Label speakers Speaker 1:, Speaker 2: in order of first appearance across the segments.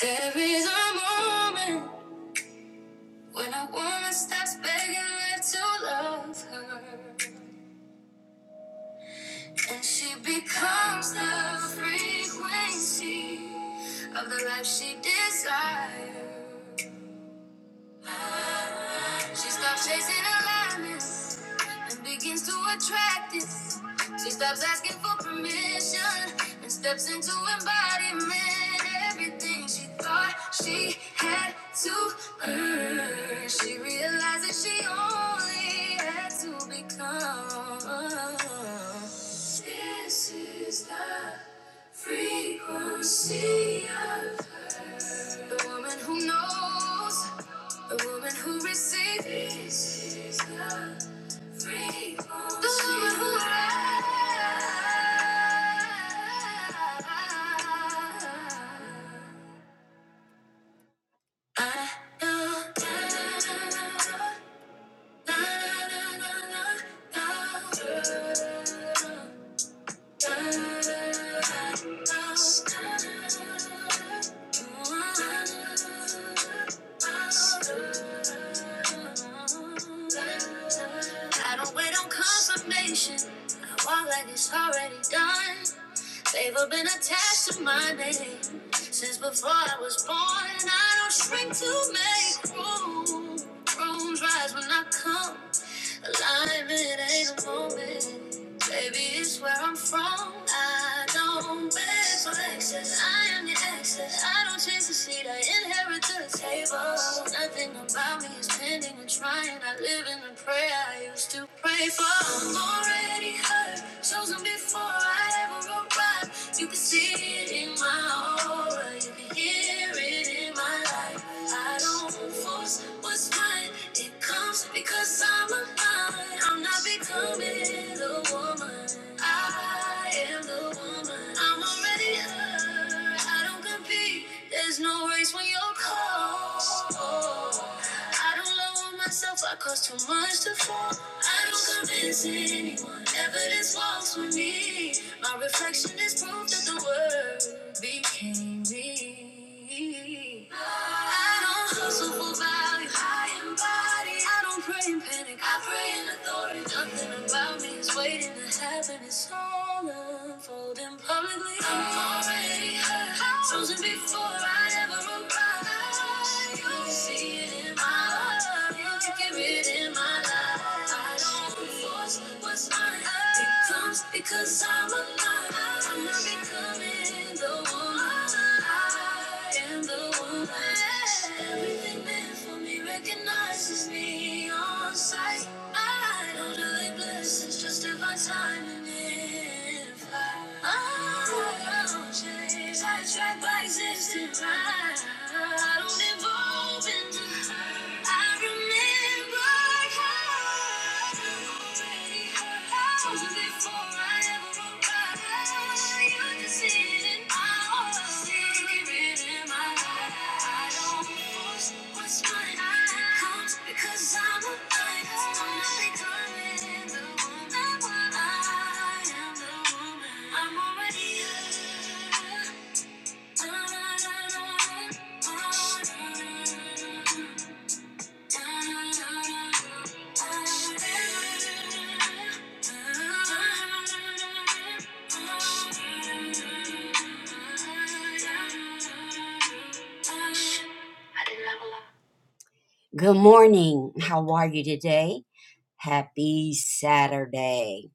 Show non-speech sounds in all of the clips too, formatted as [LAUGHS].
Speaker 1: There is a moment when a woman stops begging me to love her, and she becomes the frequency of the life she desires. She stops chasing alignments and begins to attract it. She stops asking for permission and steps into embodiment. Everything she thought she had to earn, she realizes she only had to become. This is the frequency of the woman who knows, the woman who receives, the woman who rides. I know. I don't wait on confirmation. I walk like it's already done. They've all been attached to my name since before I was born, and I don't shrink to make room. Rooms rise when I come. Alignment ain't a moment. Baby, it's where I'm from. I don't beg for excess. I am the excess. I don't chase the seat. I inherit the table. Nothing about me is pending or trying. I live in the prayer I used to pray for. I'm already high hurt. Chosen before I ever arrived. You can see it in my aura. You can hear it in my life. I don't force what's right. It comes because I'm a alive. I'm not becoming the woman. I am the woman. I'm already her. I don't compete. There's no race when you're called. I don't love myself, I cause too much to fall. I don't convince anyone, evidence walks with me. My reflection is proof that the word became me. I don't hustle for value, I and body. I don't pray in panic, I pray in authority. Nothing about me is waiting to happen, it's all unfolding publicly. I'm already hurt, frozen before I ever arrived. You can see it in my eyes, you can read it in my life. I don't force what's mine. It comes because I'm alive. I'm not becoming the one. I am. The one. Everything meant for me recognizes me on sight. I don't delay blessings, just divine timing. If I, I don't change, I track by existence. I, I don't evolve into her. I remember how I already hurt. Chosen before I ever arrived. I'm already Good morning. How are you today? Happy Saturday.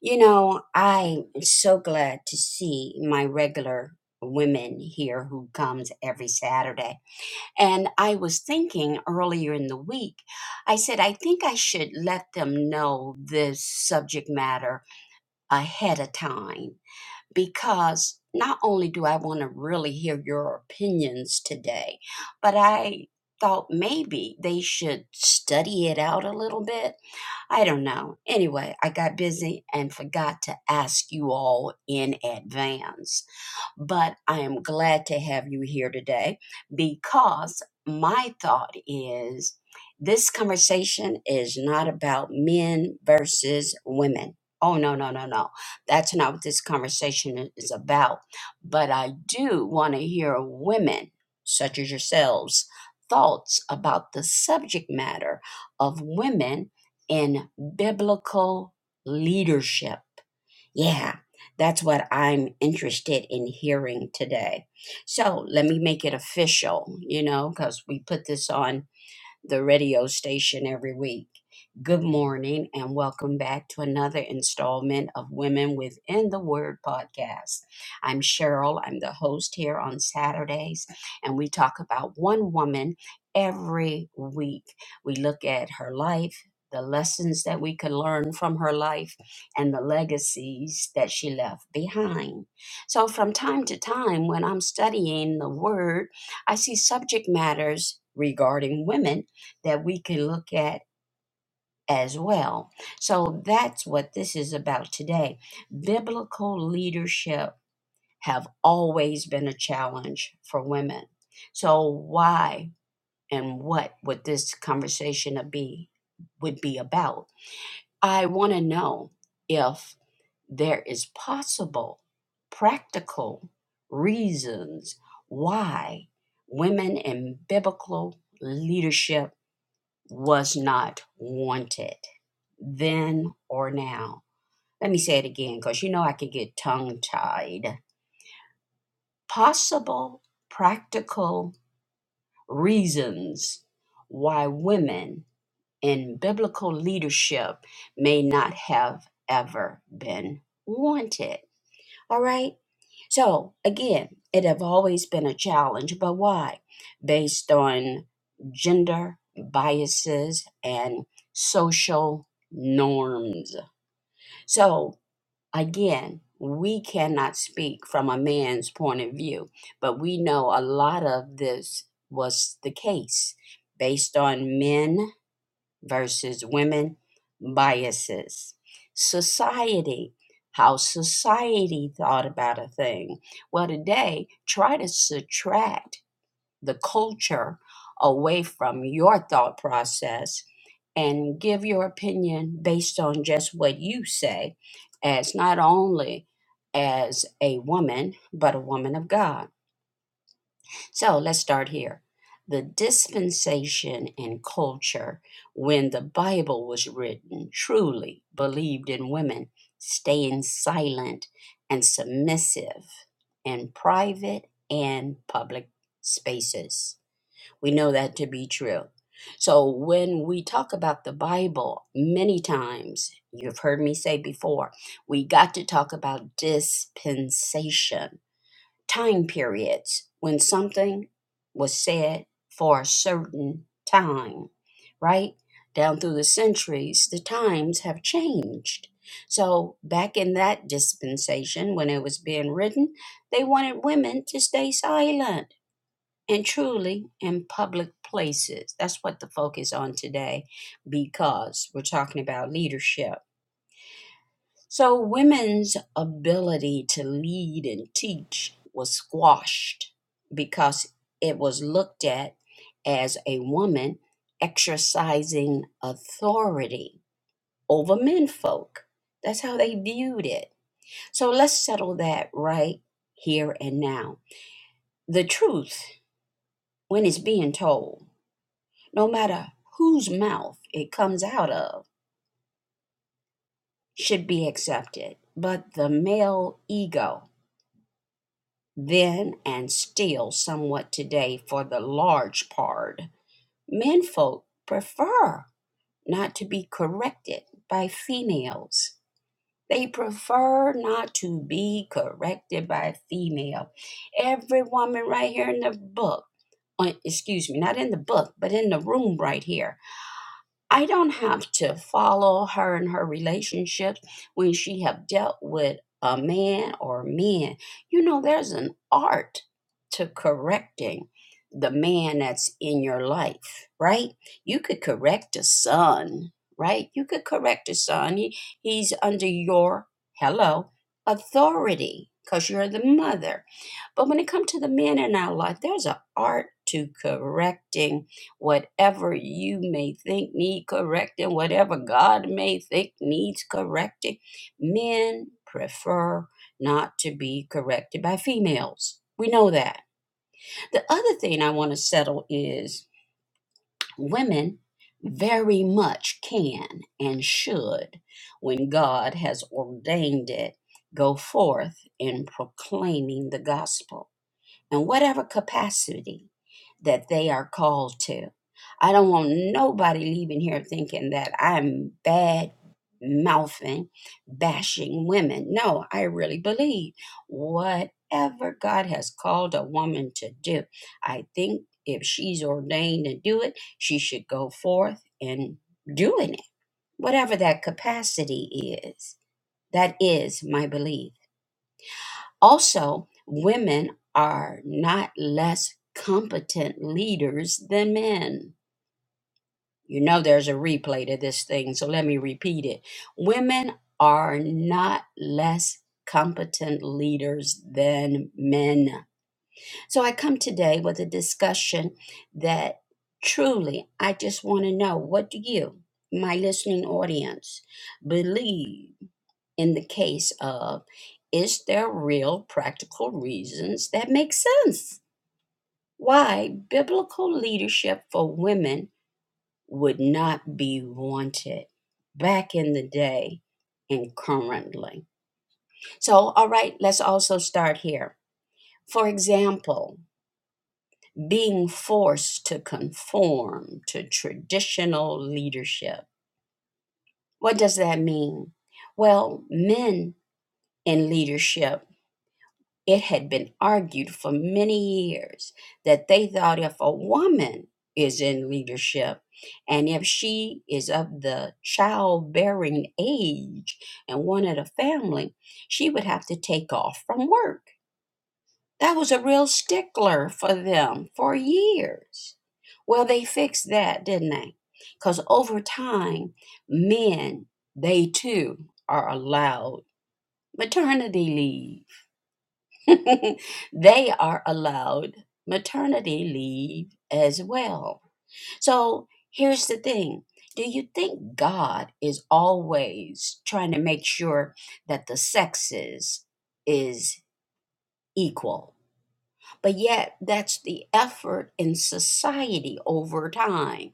Speaker 1: You know, I'm so glad to see my regular women here who comes every Saturday. And I was thinking earlier in the week, I said, I think I should let them know this subject matter ahead of time because not only do I want to really hear your opinions today, but I thought maybe they should study it out a little bit I don't know. Anyway, I got busy and forgot to ask you all in advance. But I am glad to have you here today because my thought is this conversation is not about men versus women. Oh, no, no, no, no. That's not what this conversation is about. But I do want to hear women, such as yourselves, thoughts about the subject matter of women in biblical leadership. Yeah, that's what I'm interested in hearing today. So let me make it official, you know, because we put this on the radio station every week. Good morning, and welcome back to another installment of Women Within the Word podcast. I'm Cheryl, I'm the host here on Saturdays, and we talk about one woman every week. We look at her life, the lessons that we can learn from her life, and the legacies that she left behind. So, from time to time, when I'm studying the Word, I see subject matters regarding women that we can look at as well. So that's what this is about today. Biblical leadership have always been a challenge for women. So why and what would this conversation be would be about? I want to know if there is possible practical reasons why women in biblical leadership was not wanted then or now. Let me say it again because you know I could get tongue tied. Possible practical reasons why women in biblical leadership may not have ever been wanted. All right. So again, it have always been a challenge, but why? Based on gender biases and social norms. So again, we cannot speak from a man's point of view, but we know a lot of this was the case based on men versus women biases. Society, how society thought about a thing. Well, today, try to subtract the culture away from your thought process and give your opinion based on just what you say, as not only as a woman, but a woman of God. So let's start here. The dispensation and culture when the Bible was written truly believed in women staying silent and submissive in private and public spaces. We know that to be true. So when we talk about the Bible, many times you've heard me say before, we got to talk about dispensation time periods when something was said for a certain time, right? Down through the centuries, the times have changed. So, back in that dispensation, when it was being written, they wanted women to stay silent and truly in public places. That's what the focus on today because we're talking about leadership so, women's ability to lead and teach was squashed because it was looked at as a woman exercising authority over menfolk. That's how they viewed it. So, let's settle that right here and now. The truth, when it's being told, no matter whose mouth it comes out of, should be accepted. But the male ego, then and still somewhat today for the large part. Menfolk prefer not to be corrected by females. They prefer not to be corrected by a female. Every woman right here in the book, uh, excuse me, not in the book, but in the room right here I don't have to follow her in her relationships when she have dealt with a man or men. You know, there's an art to correcting the man that's in your life, right? You could correct a son, right? You could correct a son. He, he's under your hello authority because you're the mother. But when it comes to the men in our life, there's an art to correcting whatever you may think need correcting, whatever God may think needs correcting. Men prefer not to be corrected by females. We know that. The other thing I want to settle is women very much can and should, when God has ordained it, go forth in proclaiming the gospel in whatever capacity that they are called to. I don't want nobody leaving here thinking that I'm bad mouthing, bashing women. No, I really believe whatever God has called a woman to do, I think if she's ordained to do it, she should go forth and doing it, whatever that capacity is. That is my belief. Also, women are not less competent leaders than men. You know, there's a replay to this thing, so let me repeat it. Women are not less competent leaders than men. So I come today with a discussion that truly I just want to know what do you, my listening audience, believe? in the case of is there real practical reasons that make sense why biblical leadership for women would not be wanted back in the day and currently. So, all right, let's also start here. For example, being forced to conform to traditional leadership. What does that mean? Well, men in leadership It had been argued for many years that they thought if a woman is in leadership and if she is of the childbearing age and wanted a family, she would have to take off from work. That was a real stickler for them for years. Well, they fixed that, didn't they? Because over time, men, they too are allowed maternity leave [LAUGHS] they are allowed maternity leave as well. So here's the thing do you think God is always trying to make sure that the sexes is equal? But yet, that's the effort in society over time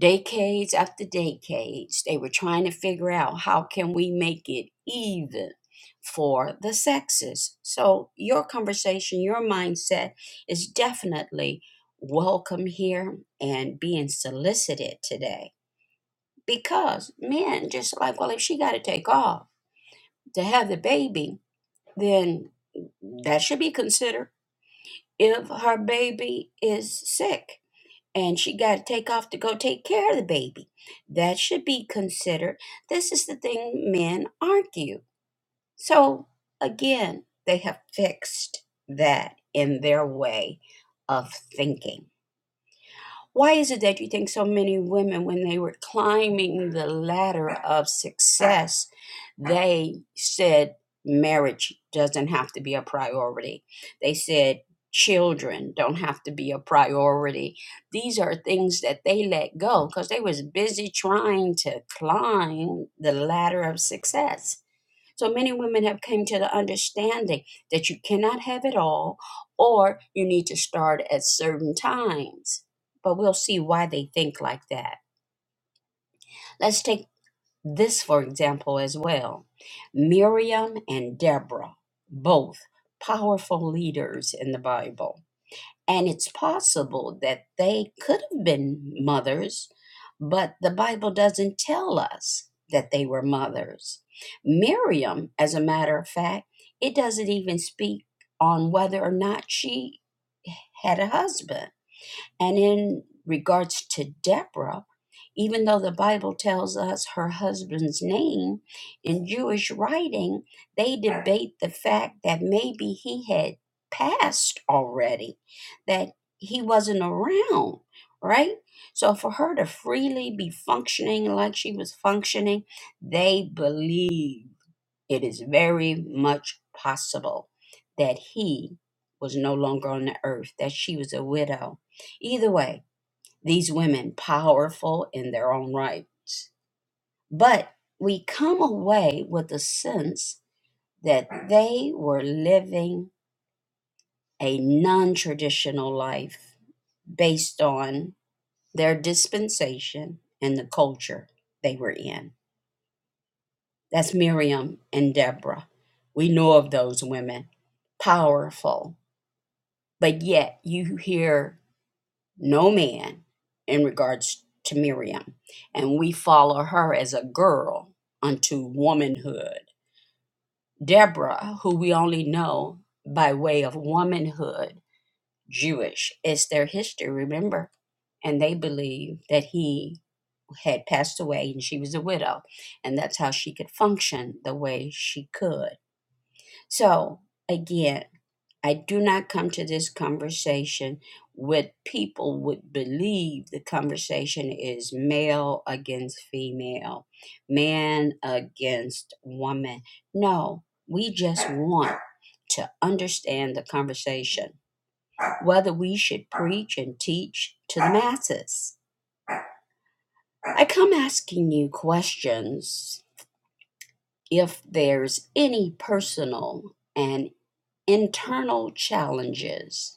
Speaker 1: decades after decades they were trying to figure out how can we make it even for the sexes so your conversation your mindset is definitely welcome here and being solicited today because men just like well if she got to take off to have the baby then that should be considered if her baby is sick and she got to take off to go take care of the baby. That should be considered. This is the thing men argue. So again, they have fixed that in their way of thinking. Why is it that you think so many women, when they were climbing the ladder of success, they said marriage doesn't have to be a priority? They said children don't have to be a priority. These are things that they let go because they was busy trying to climb the ladder of success so many women have come to the understanding that you cannot have it all or you need to start at certain times. But we'll see why they think like that. Let's take this for example as well. Miriam and Deborah, both powerful leaders in the Bible and it's possible that they could have been mothers, but the Bible doesn't tell us that they were mothers. Miriam, as a matter of fact, it doesn't even speak on whether or not she had a husband and in regards to Deborah, even though the Bible tells us her husband's name, in Jewish writing, they debate the fact that maybe he had passed already, that he wasn't around, right? So for her to freely be functioning like she was functioning, they believe. It is very much possible that he was no longer on the earth, that she was a widow. Either way, these women, powerful in their own right. But we come away with a sense that they were living a non traditional life based on their dispensation and the culture they were in. That's Miriam and Deborah. We know of those women, powerful but yet you hear no man in regards to Miriam. And we follow her as a girl unto womanhood. Deborah, who we only know by way of womanhood, Jewish, is their history, remember? And they believe that he had passed away and she was a widow. And that's how she could function the way she could. So, again, I do not come to this conversation with people would believe the conversation is male against female, man against woman. No, we just want to understand the conversation, whether we should preach and teach to the masses. I come asking you questions if there's any personal and internal challenges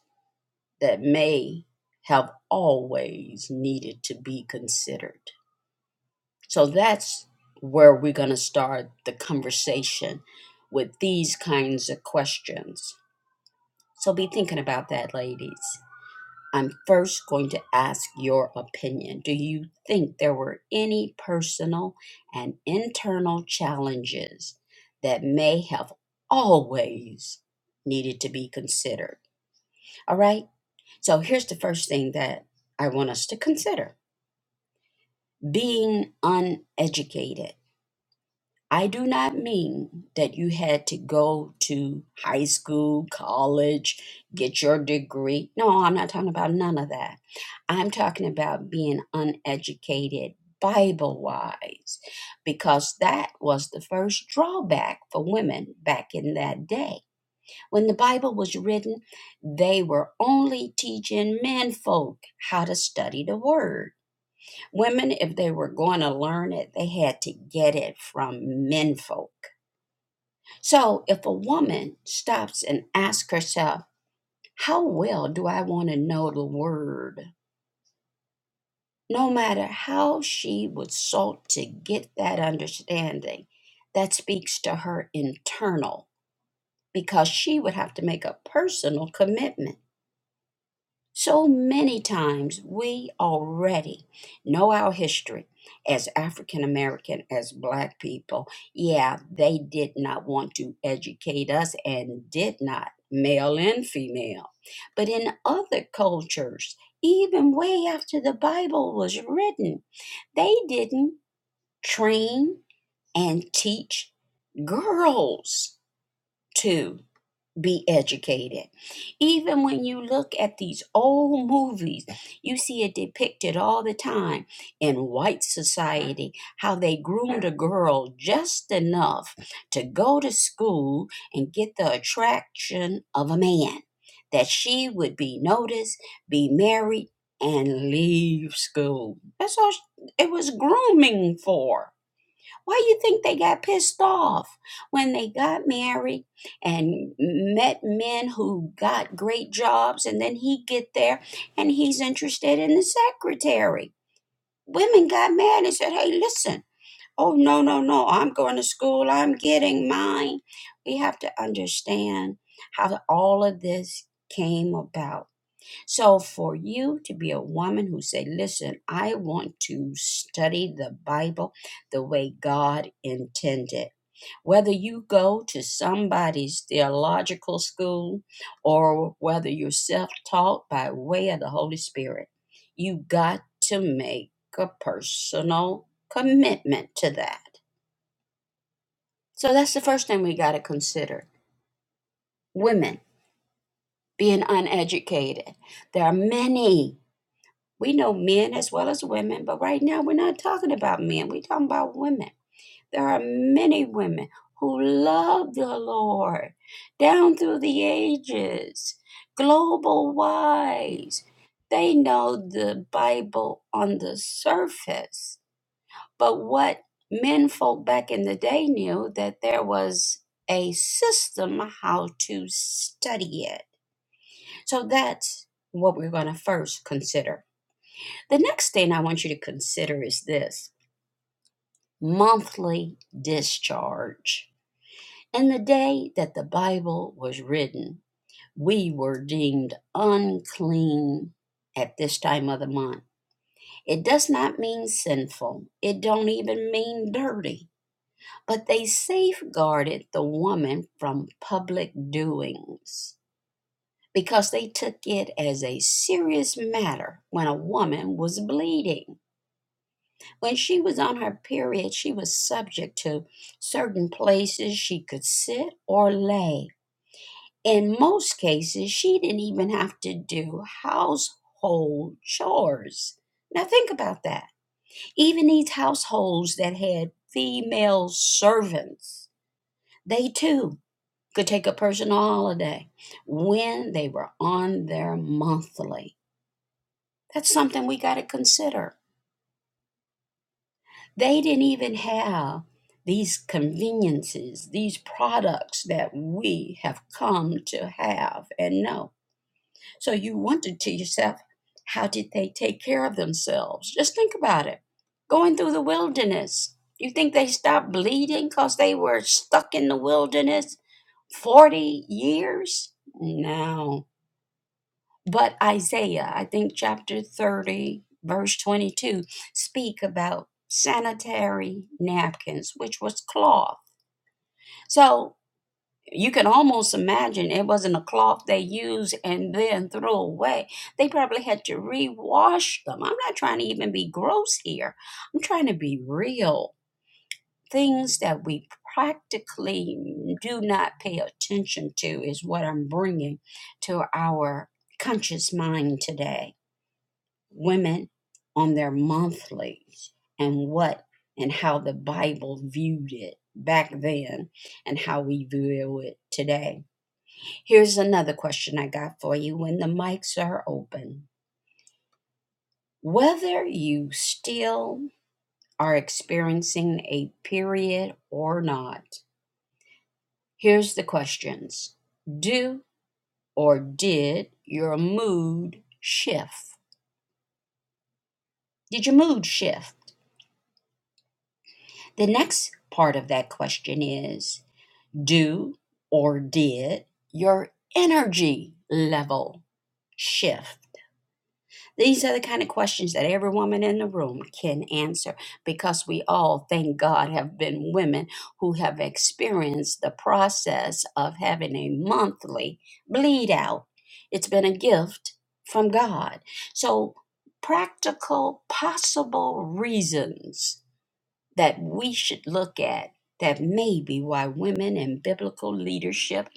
Speaker 1: that may have always needed to be considered. So that's where we're going to start the conversation with these kinds of questions. So be thinking about that, ladies. I'm first going to ask your opinion. Do you think there were any personal and internal challenges that may have always needed to be considered? All right. So here's the first thing that I want us to consider being uneducated. I do not mean that you had to go to high school, college, get your degree. No, I'm not talking about none of that. I'm talking about being uneducated Bible wise, because that was the first drawback for women back in that day when the Bible was written, they were only teaching men folk how to study the word. Women, if they were going to learn it, they had to get it from men folk. So if a woman stops and asks herself, How well do I want to know the word? No matter how she would sought to get that understanding, that speaks to her internal because she would have to make a personal commitment So many times we already know our history as African American, as Black people. Yeah, they did not want to educate us and did not, male and female. But in other cultures, even way after the Bible was written, they didn't train and teach girls to be educated. Even when you look at these old movies, you see it depicted all the time in white society how they groomed a girl just enough to go to school and get the attraction of a man, that she would be noticed, be married, and leave school. That's all sh- it was grooming for. Why do you think they got pissed off when they got married and met men who got great jobs and then he get there and he's interested in the secretary. Women got mad and said, "Hey, listen. Oh no, no, no. I'm going to school. I'm getting mine." We have to understand how all of this came about so for you to be a woman who say, "Listen, I want to study the Bible the way God intended." Whether you go to somebody's theological school or whether you're self-taught by way of the Holy Spirit, you got to make a personal commitment to that. So that's the first thing we got to consider. Women being uneducated. There are many We know men as well as women, but right now we're not talking about men. We're talking about women. There are many women who love the Lord down through the ages, global wise. They know the Bible on the surface. But what men folk back in the day knew that there was a system how to study it. So that's what we're going to first consider the next thing I want you to consider is this monthly discharge. In the day that the Bible was written, we were deemed unclean at this time of the month. It does not mean sinful. It don't even mean dirty. But they safeguarded the woman from public doings because they took it as a serious matter when a woman was bleeding. When she was on her period, she was subject to certain places she could sit or lay. In most cases, she didn't even have to do household chores. Now, think about that. Even these households that had female servants, they too could take a personal holiday when they were on their monthly. That's something we got to consider. They didn't even have these conveniences, these products that we have come to have and know. So you wonder to yourself, how did they take care of themselves? Just think about it. Going through the wilderness, you think they stopped bleeding because they were stuck in the wilderness 40 years? No but Isaiah, I think chapter 30, verse 22, speak about sanitary napkins, which was cloth. So you can almost imagine it wasn't a cloth they used and then threw away. They probably had to rewash them. I'm not trying to even be gross here. I'm trying to be real. Things that we practically do not pay attention to is what I'm bringing to our conscious mind today women on their monthlies and what and how the Bible viewed it back then and how we view it today. Here's another question I got for you when the mics are open. Whether you still are experiencing a period or not, here's the questions Do or did your mood shift? Did your mood shift? The next part of that question is do or did your energy level shift? These are the kind of questions that every woman in the room can answer because we all, thank God, have been women who have experienced the process of having a monthly bleed out. It's been a gift from God. So, practical, possible reasons that we should look at that may be why women in biblical leadership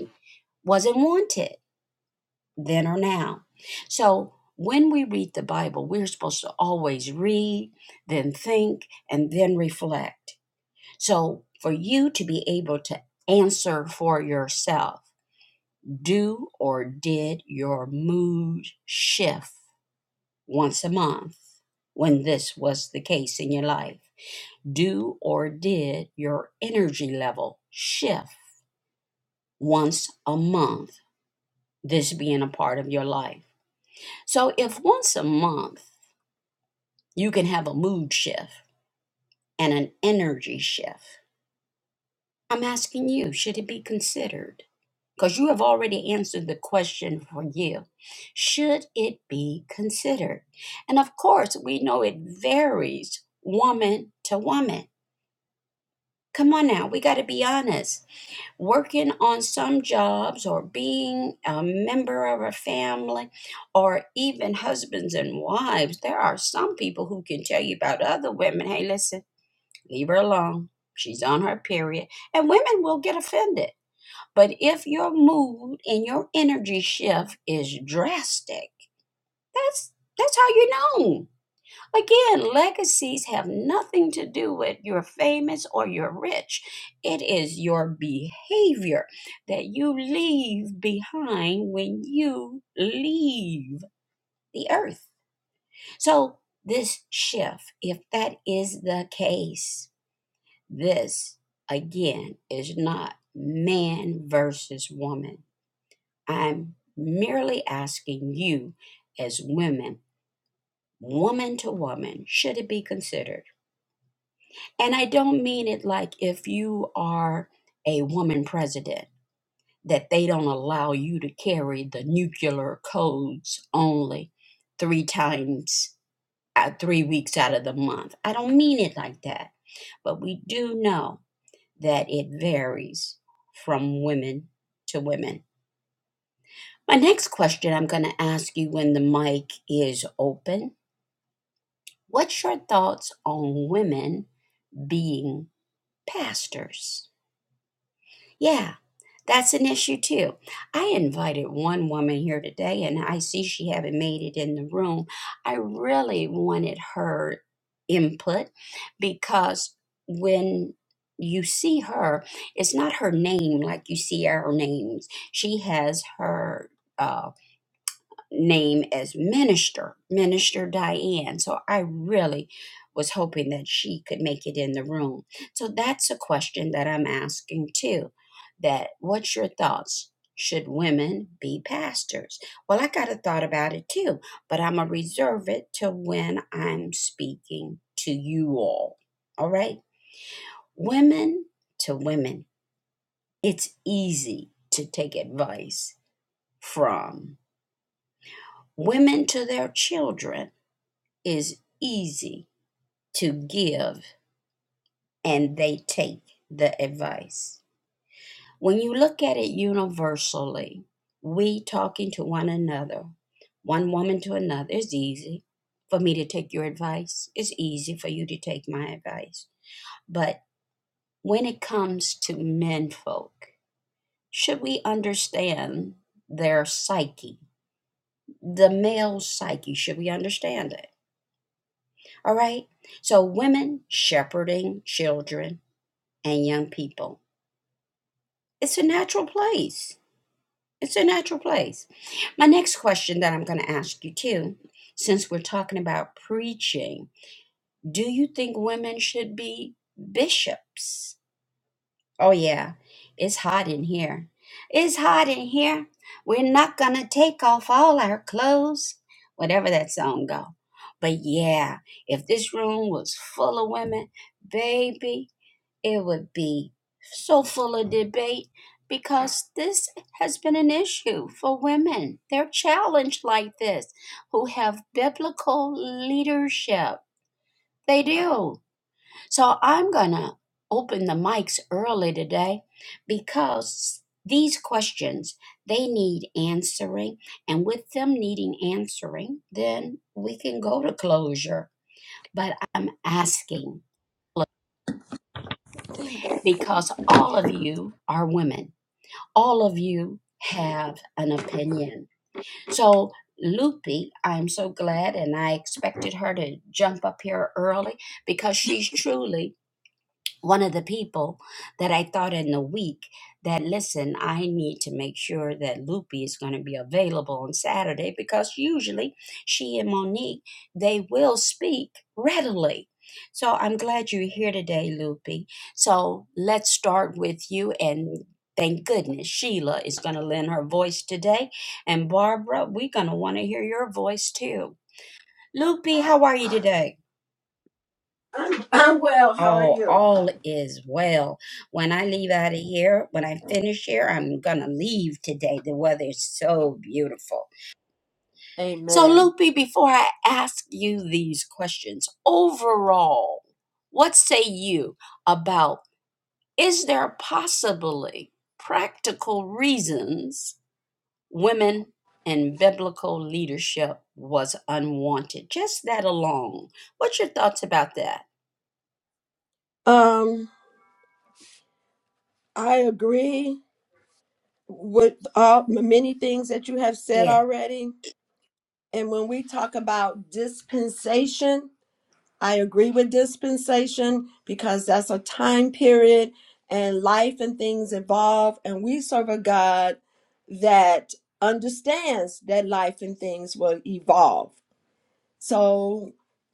Speaker 1: wasn't wanted then or now. So when we read the Bible, we're supposed to always read, then think, and then reflect. So for you to be able to answer for yourself, do or did your mood shift once a month when this was the case in your life? do or did your energy level shift once a month, this being a part of your life? So, if once a month you can have a mood shift and an energy shift, I'm asking you, should it be considered? Because you have already answered the question for you. Should it be considered? And of course, we know it varies woman to woman. Come on now, we got to be honest working on some jobs or being a member of a family or even husbands and wives, there are some people who can tell you about other women hey, listen, leave her alone. She's on her period. And women will get offended. But if your mood and your energy shift is drastic, that's that's how you know. Again, legacies have nothing to do with you're famous or you're rich. It is your behavior that you leave behind when you leave the earth. So, this shift, if that is the case, this again is not man versus woman. I'm merely asking you, as women, woman to woman, should it be considered? And I don't mean it like if you are a woman president, that they don't allow you to carry the nuclear codes only three times, uh, three weeks out of the month. I don't mean it like that. But we do know that it varies from women to women. My next question I'm going to ask you when the mic is open What's your thoughts on women being pastors? Yeah, that's an issue too. I invited one woman here today and I see she haven't made it in the room. I really wanted her input because when you see her, it's not her name like you see our names. She has her uh, name as Minister, Minister Diane. So I really was hoping that she could make it in the room. So that's a question that I'm asking too. That what's your thoughts? Should women be pastors? Well, I got a thought about it too, but I'm gonna reserve it till when I'm speaking to you all. All right? Women to women. It's easy to take advice from women to their children is easy to give and they take the advice. When you look at it universally, we talking to one another, one woman to another, it's easy for me to take your advice. It's easy for you to take my advice. But when it comes to men folk, should we understand their psyche, the male psyche? Should we understand it? All right. So, women shepherding children, and young people. It's a natural place. It's a natural place. My next question that I'm going to ask you too, since we're talking about preaching, do you think women should be bishops? Oh, yeah, it's hot in here. It's hot in here. We're not going to take off all our clothes, whatever that song go. But yeah, if this room was full of women, baby, it would be so full of debate because this has been an issue for women. They're challenged like this who have biblical leadership. They do. So I'm going to open the mics early today because these questions they need answering and with them needing answering then we can go to closure but i'm asking because all of you are women all of you have an opinion. So, Loopy, I'm so glad, and I expected her to jump up here early because she's truly one of the people that I thought in the week that listen, I need to make sure that Loopy is going to be available on Saturday because usually she and Monique they will speak readily. So I'm glad you're here today, Loopy. So let's start with you and thank goodness Sheila is going to lend her voice today and Barbara, we're going to want to hear your voice too. Loopy, how are you today?
Speaker 2: I'm, I'm well. How are
Speaker 1: all
Speaker 2: you?
Speaker 1: all is well when i leave out of here when i finish here i'm gonna leave today the weather is so beautiful so
Speaker 2: Amen.
Speaker 1: loopy before i ask you these questions overall what say you about is there possibly practical reasons women in biblical leadership was unwanted just that alone what's your thoughts about that
Speaker 2: Um, I agree with all many things that you have said
Speaker 1: yeah
Speaker 2: already. And when we talk about dispensation, I agree with dispensation because that's a time period and life and things evolve. And we serve a God that understands that life and things will evolve. So,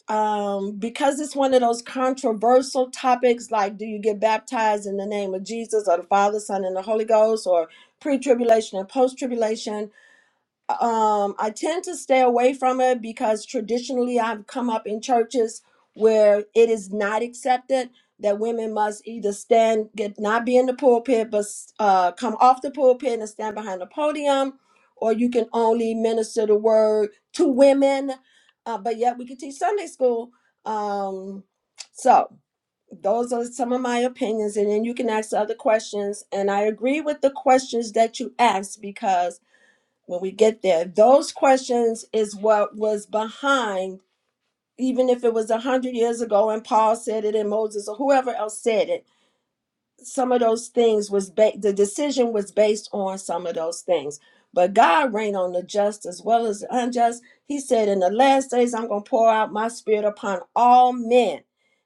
Speaker 2: um, because it's one of those controversial topics, like do you get baptized in the name of Jesus or the Father, Son, and the Holy Ghost, or pre tribulation and post tribulation, um I tend to stay away from it because traditionally I've come up in churches where it is not accepted that women must either stand get not be in the pulpit but uh come off the pulpit and stand behind the podium or you can only minister the word to women uh, but yet we can teach Sunday school um so those are some of my opinions and then you can ask other questions and I agree with the questions that you asked because when we get there. Those questions is what was behind, even if it was a hundred years ago and Paul said it and Moses or whoever else said it some of those things was ba- the decision was based on some of those things but god reigned on the just as well as the unjust he said in the last days i'm going to pour out my spirit upon all men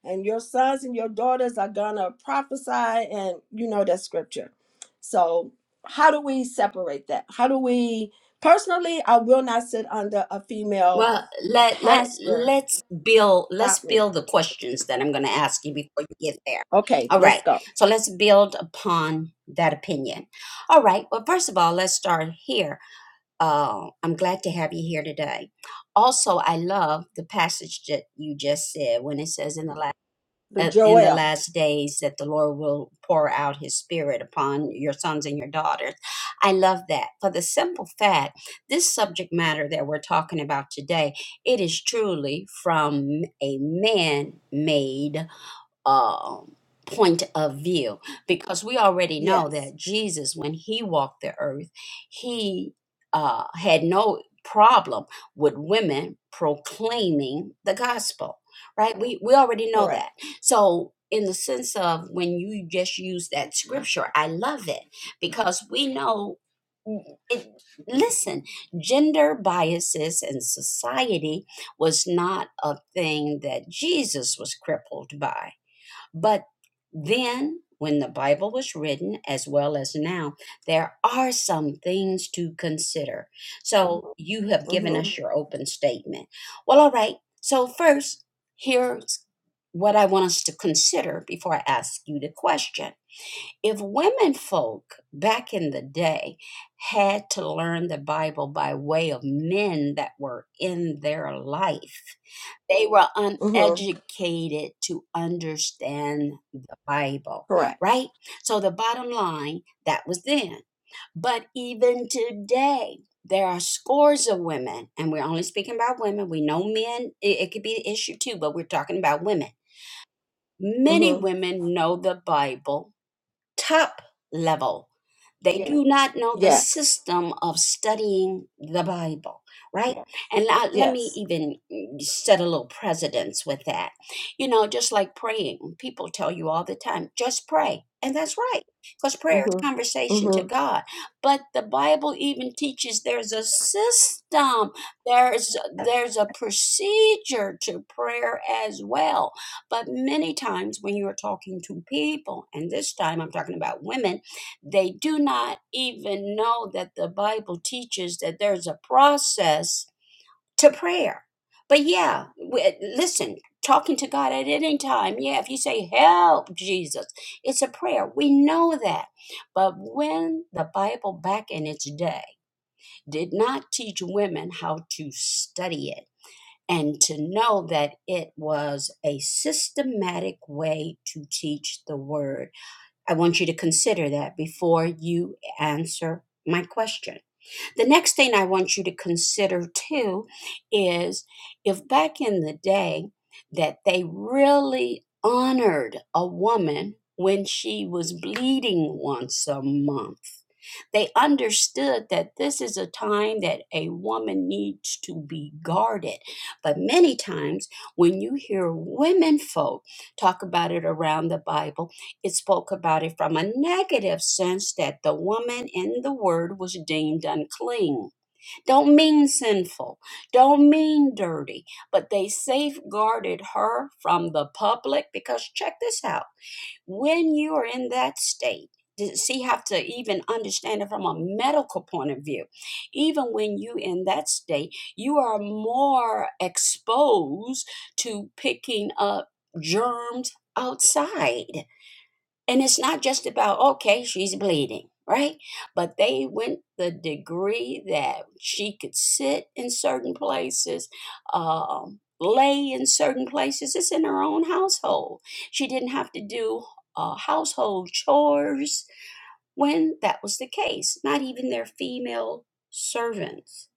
Speaker 2: and your sons and your daughters are going to prophesy and you know that scripture so how do we separate that how do we personally i will not sit under a female
Speaker 1: Well, let let
Speaker 2: pastor
Speaker 1: let's build let's
Speaker 2: stop me
Speaker 1: build the questions that I'm going to ask you before you get there.
Speaker 2: okay
Speaker 1: All
Speaker 2: let's
Speaker 1: right.
Speaker 2: go
Speaker 1: So let's build upon that opinion. All right. Well, first of all, let's start here. Uh, I'm glad to have you here today. Also, I love the passage that you just said when it says in the last
Speaker 2: The
Speaker 1: uh, in the
Speaker 2: Joel.
Speaker 1: last days that the Lord will pour out his spirit upon your sons and your daughters. I love that for the simple fact this subject matter that we're talking about today, it is truly from a man made um, point of view because we already know
Speaker 2: Yes.
Speaker 1: that Jesus, when he walked the earth, he uh, had no problem with women proclaiming the gospel, right? We, we already know
Speaker 2: Correct.
Speaker 1: that. So, in the sense of when you just use that scripture, I love it because we know. mm, It, listen, gender biases in society was not a thing that Jesus was crippled by but then, when the Bible was written, as well as now, there are some things to consider. So you have given
Speaker 2: Mm-hmm.
Speaker 1: us your open statement. Well, all right. So, first, here's what I want us to consider before I ask you the question. If women folk back in the day had to learn the Bible by way of men that were in their life, they were
Speaker 2: Mm-hmm.
Speaker 1: uneducated to understand the Bible,
Speaker 2: Correct.
Speaker 1: right? So the bottom line, that was then. But even today, there are scores of women, and we're only speaking about women. We know men, it, it could be an issue too, but we're talking about women. Many
Speaker 2: Mm-hmm.
Speaker 1: women know the Bible top level. They Yeah. do not know the
Speaker 2: Yes.
Speaker 1: system of studying the Bible, right? Yeah. And I, let me
Speaker 2: Yes.
Speaker 1: even mm, set a little precedence with that. You know, just like praying, people tell you all the time, just pray. And that's right, because Yeah. prayer is
Speaker 2: hmm
Speaker 1: conversation to
Speaker 2: hmm
Speaker 1: God. But the Bible even teaches there's a system, there's there's a procedure to prayer as well but many times when you are talking to people, and this time I'm talking about women, they do not even know that the Bible teaches that there's a process to prayer. But yeah, we, listen, talking to God at any time, yeah, if you say, Help, Jesus, it's a prayer. We know that. But when the Bible back in its day did not teach women how to study it, and to know that it was a systematic way to teach the word. I want you to consider that before you answer my question. The next thing I want you to consider too is if back in the day that they really honored a woman when she was bleeding once a month they understood that this is a time that a woman needs to be guarded. But many times, when you hear women folk talk about it around the Bible, it spoke about it from a negative sense that the woman in the word was deemed unclean. Don't mean sinful, don't mean dirty, but they safeguarded her from the public because check this out. When you are in that state, does he have to even understand it from a medical point of view even when you in that state you are more exposed to picking up germs outside and it's not just about, okay, she's bleeding, right? But they went the degree that she could sit in certain places, um, lay in certain places. It's in her own household. She didn't have to do uh, household chores when that was the case, not even their female servants.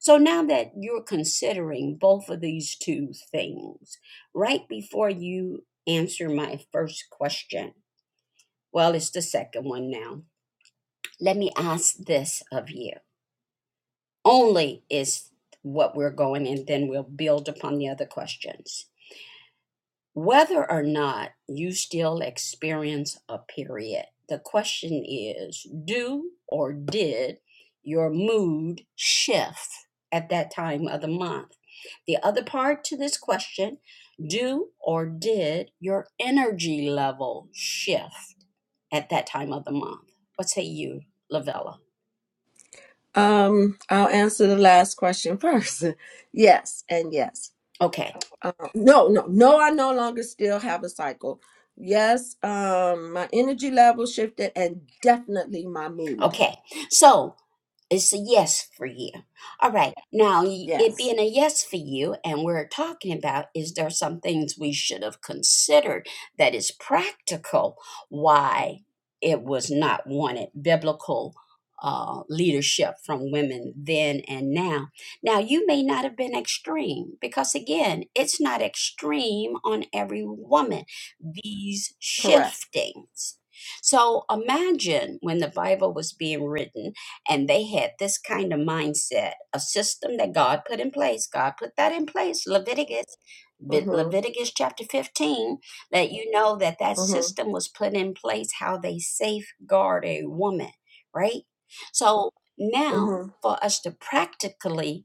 Speaker 1: So now that you're considering both of these two things, right before you answer my first question, well, it's the second one now. Let me ask this of you. Only is what we're going, and then we'll build upon the other questions. Whether or not you still experience a period, the question is do or did your mood shift at that time of the month? The other part to this question do or did your energy level shift? at that time of the month. What say you, Lavella?
Speaker 2: Um, I'll answer the last question first. [LAUGHS] yes, and yes.
Speaker 1: Okay,
Speaker 2: Um, no, no, no. I no longer still have a cycle. Yes, um, my energy level shifted, and definitely my mood.
Speaker 1: okay. So It's a yes for you. All right. Now, y- it
Speaker 2: Yes,
Speaker 1: being a yes for you, and we're talking about is there some things we should have considered that is practical why it was not wanted? Biblical uh, leadership from women then and now. Now, you may not have been extreme because, again, it's not extreme on every woman, these
Speaker 2: correct.
Speaker 1: shiftings. So imagine when the Bible was being written and they had this kind of mindset, a system that God put in place. God put that in place, Leviticus, Ve-
Speaker 2: Mm-hmm,
Speaker 1: Leviticus chapter 15, let you know that that
Speaker 2: mm-hmm,
Speaker 1: system was put in place how they safeguard a woman, right? So now for us to practically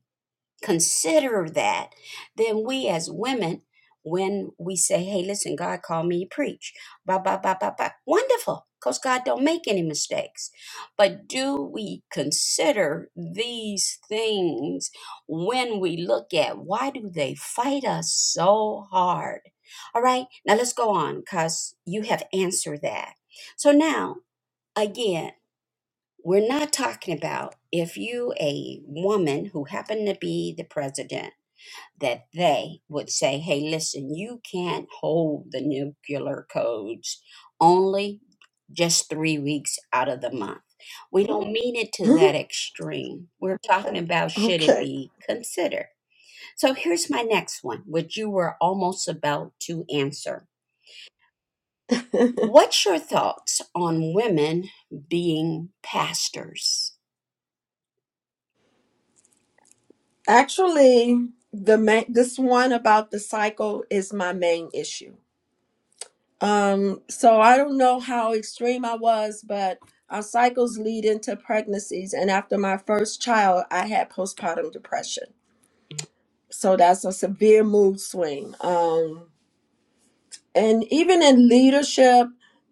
Speaker 1: consider that, then we as women, when we say, hey, listen, God called me to preach, ba, ba, ba, ba, ba, wonderful, because God don't make any mistakes. But do we consider these things when we look at why do they fight us so hard? All right, now let's go on because you have answered that. So now, again, we're not talking about if you a woman who happened to be the president that they would say, hey, listen, you can't hold the nuclear codes only just three weeks out of the month. We don't mean it to that
Speaker 2: mm-hmm.
Speaker 1: extreme. We're talking about
Speaker 2: [LAUGHS]
Speaker 1: should it
Speaker 2: okay.
Speaker 1: be considered. So here's my next one, which you were almost about to answer. What's your thoughts on women being pastors?
Speaker 2: Actually, the main this one about the cycle is my main issue. Um, so I don't know how extreme I was, but our cycles lead into pregnancies. And after my first child, I had postpartum depression. So that's a severe mood swing. Um, and even in leadership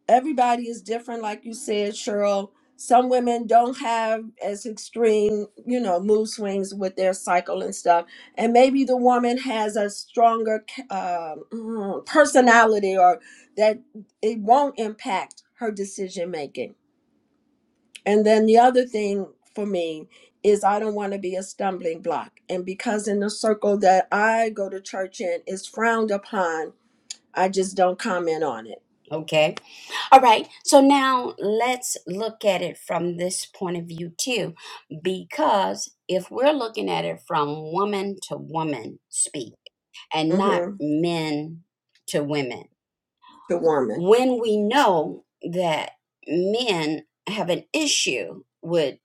Speaker 2: everybody is different like you said cheryl some women don't have as extreme you know mood swings with their cycle and stuff and maybe the woman has a stronger um, mm, personality or that it won't impact her decision making and then the other thing for me is i don't want to be a stumbling block and because in the circle that i go to church in is frowned upon i just don't comment on it
Speaker 1: Okay All right, so now let's look at it from this point of view too, because if we're looking at it from woman to woman speak and not
Speaker 2: Mm-hmm.
Speaker 1: men to women,
Speaker 2: To woman,
Speaker 1: when we know that men have an issue with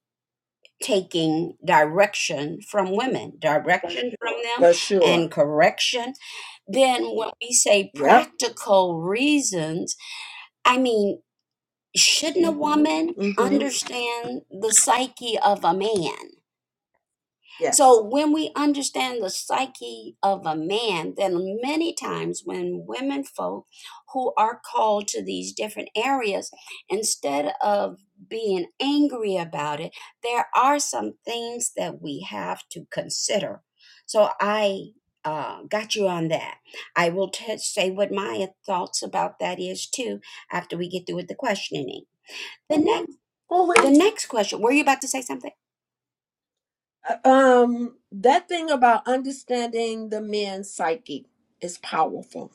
Speaker 1: taking direction from women, direction from them,
Speaker 2: for
Speaker 1: and
Speaker 2: sure.
Speaker 1: correction then when we say
Speaker 2: Yep.
Speaker 1: practical reasons, I mean, shouldn't a woman
Speaker 2: Mm-hmm.
Speaker 1: understand the psyche of a man? So
Speaker 2: Yes.
Speaker 1: when we understand the psyche of a man, then many times when women folk who are called to these different areas, instead of being angry about it, there are some things that we have to consider. So I uh, got you on that. I will t- say what my thoughts about that is too after we get through with the questioning. the next.
Speaker 2: Oh
Speaker 1: The
Speaker 2: wait.
Speaker 1: next question, were you about to say something?
Speaker 2: Uh, Um, that thing about understanding the man's psyche is powerful.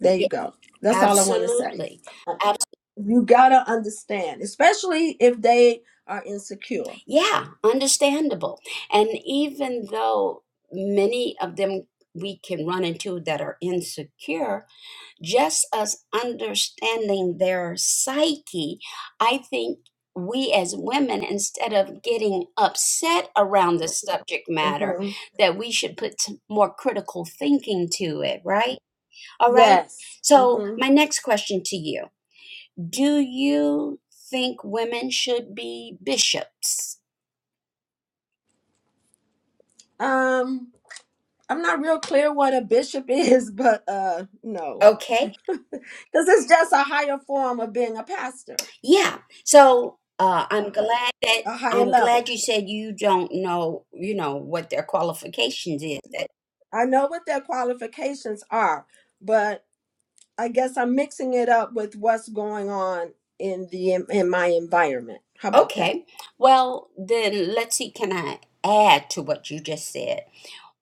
Speaker 2: There
Speaker 1: Yeah,
Speaker 2: you go. That's all I want to say.
Speaker 1: absolutely.
Speaker 2: Uh,
Speaker 1: Ab-
Speaker 2: You gotta understand, especially if they are insecure.
Speaker 1: yeah, understandable. And even though many of them we can run into that are insecure, just us understanding their psyche, I think we as women, instead of getting upset around the subject matter,
Speaker 2: Mm-hmm.
Speaker 1: that we should put some more critical thinking to it, right? All right.
Speaker 2: Yes.
Speaker 1: So,
Speaker 2: Mm-hmm.
Speaker 1: my next question to you Do you think women should be bishops?
Speaker 2: Um, I'm not real clear what a bishop is, [LAUGHS] but uh, no,
Speaker 1: Okay.
Speaker 2: because it's just a higher form of being a pastor,
Speaker 1: Yeah. So uh, I'm glad that
Speaker 2: a higher
Speaker 1: I'm
Speaker 2: level.
Speaker 1: glad you said you don't know, you know, what their qualifications is. That
Speaker 2: I know what their qualifications are, but I guess I'm mixing it up with what's going on in the in my environment. How about that?
Speaker 1: okay. Well, then let's see. Can I add to what you just said?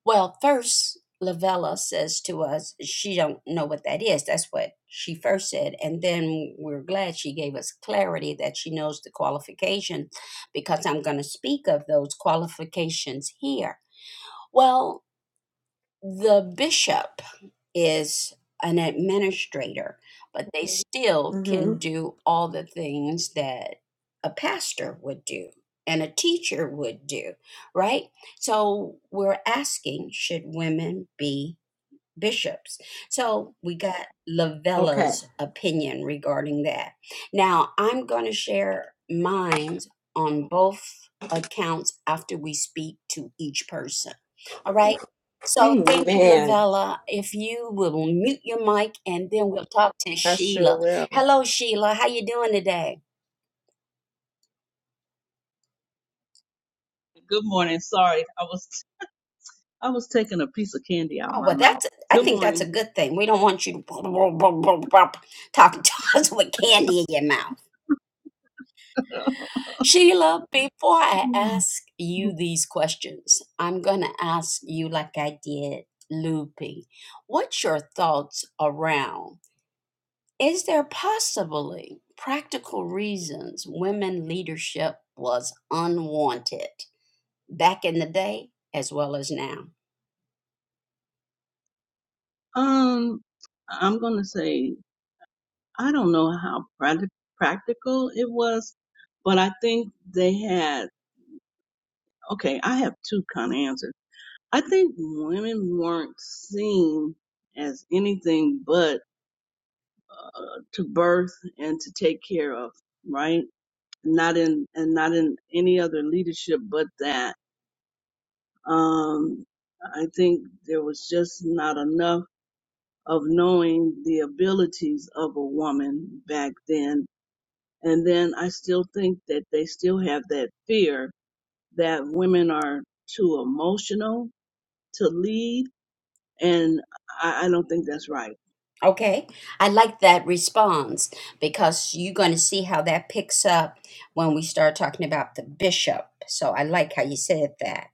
Speaker 1: Well, first Lavella says to us she don't know what that is. That's what she first said, and then we're glad she gave us clarity that she knows the qualifications because I'm going to speak of those qualifications here. Well, the bishop is an administrator, but they still can
Speaker 2: Mm-hmm.
Speaker 1: do all the things that a pastor would do and a teacher would do, right? So we're asking should women be bishops. So we got
Speaker 2: Okay.
Speaker 1: Lavella's opinion regarding that. Now I'm going to share mine on both accounts after we speak to each person. All right. So thank you,
Speaker 2: Amen.
Speaker 1: Lavella. If you will mute your mic and then we'll talk to
Speaker 2: I sure
Speaker 1: Sheila.
Speaker 2: will.
Speaker 1: Hello, Sheila. How you doing today?
Speaker 3: Good morning. Sorry, I was I was taking a piece of candy out of
Speaker 1: Oh
Speaker 3: my
Speaker 1: well,
Speaker 3: mouth.
Speaker 1: that's I
Speaker 3: Good
Speaker 1: think that's
Speaker 3: morning.
Speaker 1: a good thing. We don't want you to [LAUGHS] talking to us with candy in your mouth.
Speaker 3: [LAUGHS]
Speaker 1: Sheila, before I ask you these questions, I'm going to ask you, like I did Loopy, what's your thoughts around? Is there possibly practical reasons women leadership was unwanted back in the day as well as now?
Speaker 3: um, I'm gonna say I don't know how prac- practical it was, but I think they had. Okay, I have two kind of answers. I think women weren't seen as anything but uh, to birth and to take care of, right? Not in and not in any other leadership but that. Um, I think there was just not enough of knowing the abilities of a woman back then. And then I still think that they still have that fear that women are too emotional to lead. And I, I don't think that's right.
Speaker 1: Okay, I like that response because you're going to see how that picks up when we start talking about the bishop. So I like how you said that.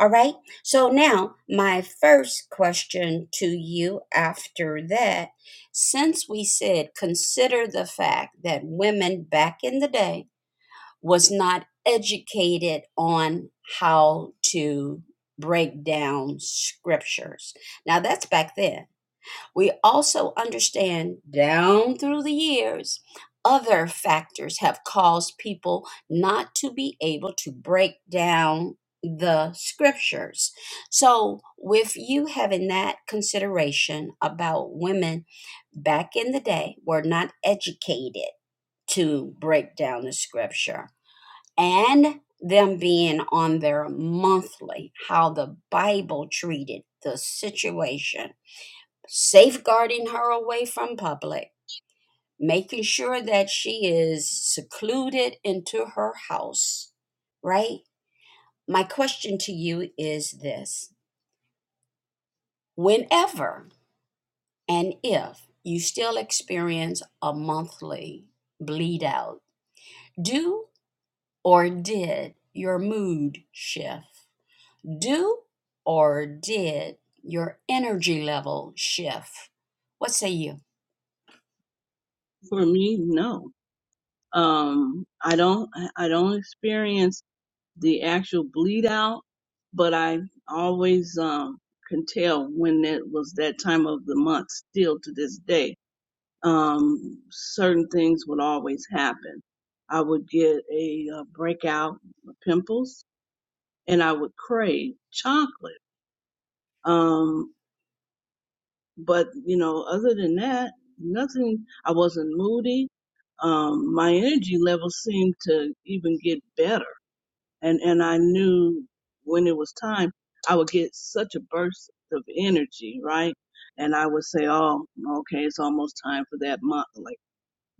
Speaker 1: All right, so now my first question to you after that since we said consider the fact that women back in the day was not educated on how to break down scriptures. Now that's back then we also understand down through the years, other factors have caused people not to be able to break down the scriptures. So, with you having that consideration about women back in the day were not educated to break down the scripture and them being on their monthly, how the Bible treated the situation safeguarding her away from public, making sure that she is secluded into her house, right? My question to you is this whenever and if you still experience a monthly bleed out, do or did your mood shift? Do or did your energy level shift? What say you?
Speaker 3: For me, no. Um, I don't, I I don't experience the actual bleed out, but I always um can tell when it was that time of the month still to this day. Um certain things would always happen. I would get a, uh breakout of pimples and I would crave chocolate. Um but you know other than that nothing I wasn't moody. Um my energy levels seemed to even get better and and I knew when it was time, I would get such a burst of energy, right? And I would say, "Oh, okay, it's almost time for that month." Like,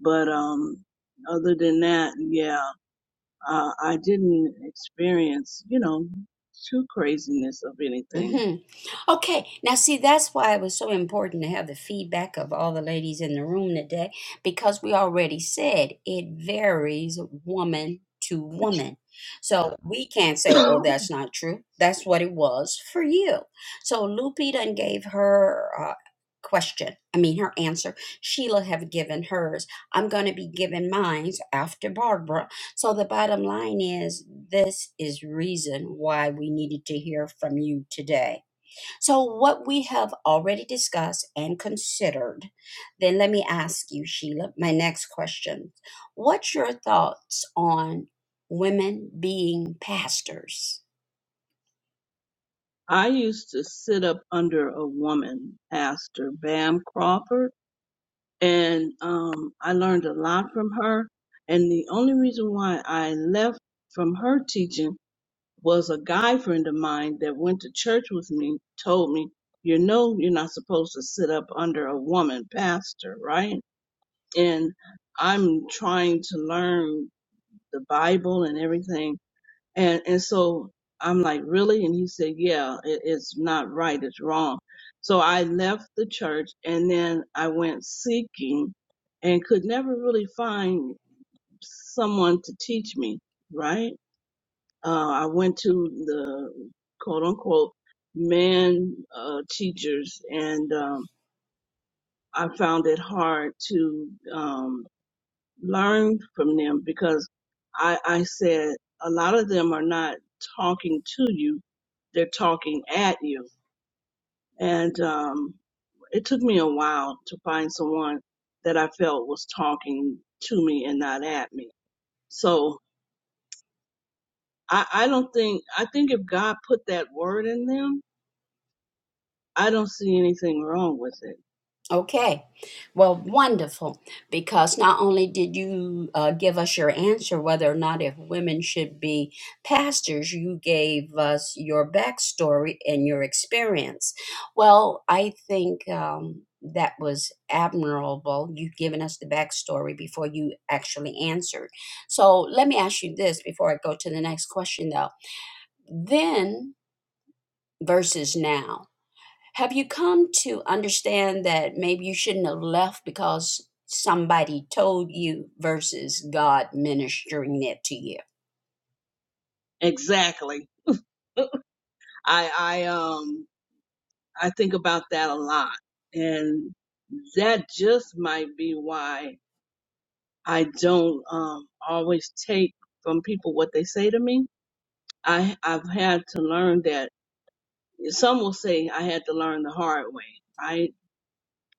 Speaker 3: but um, other than that, yeah, uh, I didn't experience, you know, too craziness of anything. [COUGHS]
Speaker 1: Mm-hmm.
Speaker 3: [CLEARS THROAT]
Speaker 1: Okay, now see, that's why it was so important to have the feedback of all the ladies in the room today because we already said it varies woman to woman. So we can't say, oh, that's not true. That's what it was for you. So Lupe done gave her uh, question, I mean, her answer. Sheila have given hers. I'm going to be giving mine after Barbara. So the bottom line is this is reason why we needed to hear from you today so, what we have already discussed and considered, then let me ask you, Sheila, my next question. What's your thoughts on women being pastors?
Speaker 3: I used to sit up under a woman, Pastor Bam Crawford and um, I learned a lot from her. And the only reason why I left from her teaching was a guy friend of mine that went to church with me told me, you know, you're not supposed to sit up under a woman pastor, right? And I'm trying to learn the Bible and everything and and so I'm like, really? And he said, yeah, it, it's not right. It's wrong. So I left the church and then I went seeking and could never really find someone to teach me, right? Uh, I went to the quote unquote men uh, teachers and um, I found it hard to um, learn from them because I, I said a lot of them are not talking to you, they're talking at you. And um, it took me a while to find someone that I felt was talking to me and not at me. So I, I don't think, I think if God put that word in them, I don't see anything wrong with it.
Speaker 1: Okay. Well, wonderful. Because not only did you uh, give us your answer whether or not if women should be pastors, you gave us your backstory and your experience. Well, I think um, that was admirable. You've given us the backstory before you actually answered. So let me ask you this before I go to the next question, though. Then versus now. Have you come to understand that maybe you shouldn't have left because somebody told you versus God ministering it to you?
Speaker 3: Exactly. [LAUGHS] I, I, um, I think about that a lot. And that just might be why I don't um, always take from people what they say to me. I I've had to learn that some will say I had to learn the hard way, right?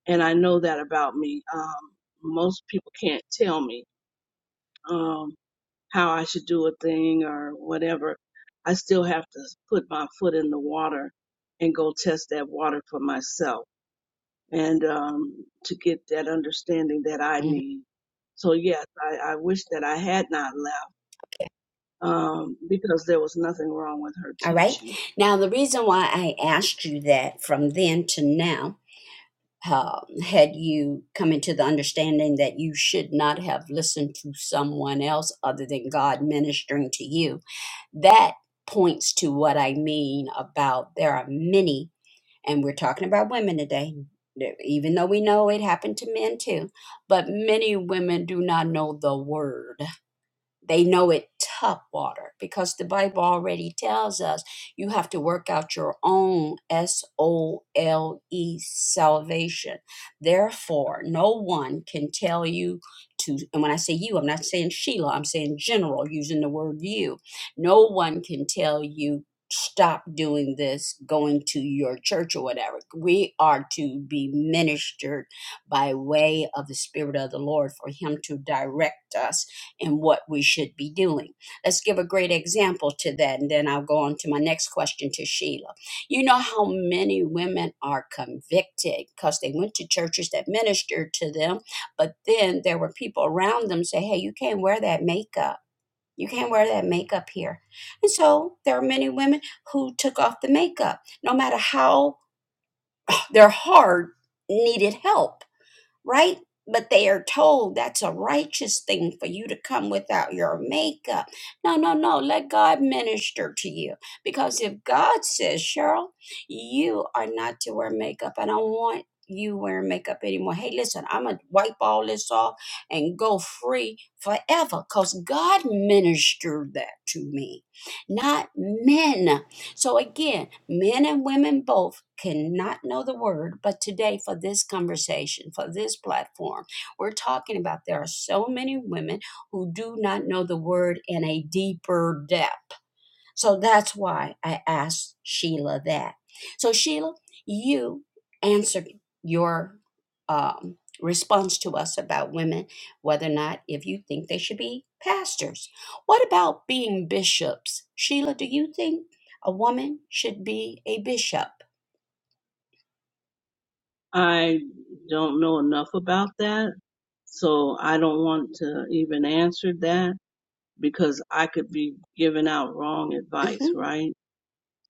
Speaker 3: And I know that about me. Um, most people can't tell me um, how I should do a thing or whatever. I still have to put my foot in the water and go test that water for myself and um, to get that understanding that I
Speaker 1: Mhm.
Speaker 3: need. So yes, I, I wish that I had not left um, because there was nothing wrong with her
Speaker 1: All right.
Speaker 3: teaching.
Speaker 1: Now, the reason why I asked you that from then to now, um, had you come into the understanding that you should not have listened to someone else other than God ministering to you, that points to what I mean about there are many and we're talking about women today even though we know it happened to men too but many women do not know the word they know it tough water because the Bible already tells us you have to work out your own S O L E salvation. Therefore, no one can tell you to, and when I say you, I'm not saying Sheila, I'm saying general, using the word you. No one can tell you stop doing this, going to your church or whatever. We are to be ministered by way of the Spirit of the Lord for Him to direct us and what we should be doing. Let's give a great example to that, and then I'll go on to my next question to Sheila. You know how many women are convicted because they went to churches that ministered to them, but then there were people around them say, "Hey, you can't wear that makeup. You can't wear that makeup here." And so there are many women who took off the makeup, no matter how their heart needed help right? But they are told that's a righteous thing for you to come without your makeup. No, no, no. Let God minister to you. Because if God says, Cheryl, you are not to wear makeup, I don't want you wearing makeup anymore. Hey, listen, I'm going to wipe all this off and go free forever because God ministered that to me, not men. So again, men and women both cannot know the word, but today for this conversation, for this platform, we're talking about there are so many women who do not know the word in a deeper depth. So that's why I asked Sheila that. So, Sheila, you answered your um, response to us about women, whether or not if you think they should be pastors. What about being bishops? Sheila, do you think a woman should be a bishop?
Speaker 3: I don't know enough about that, so I don't want to even answer that because I could be giving out wrong advice,
Speaker 1: hmm
Speaker 3: right?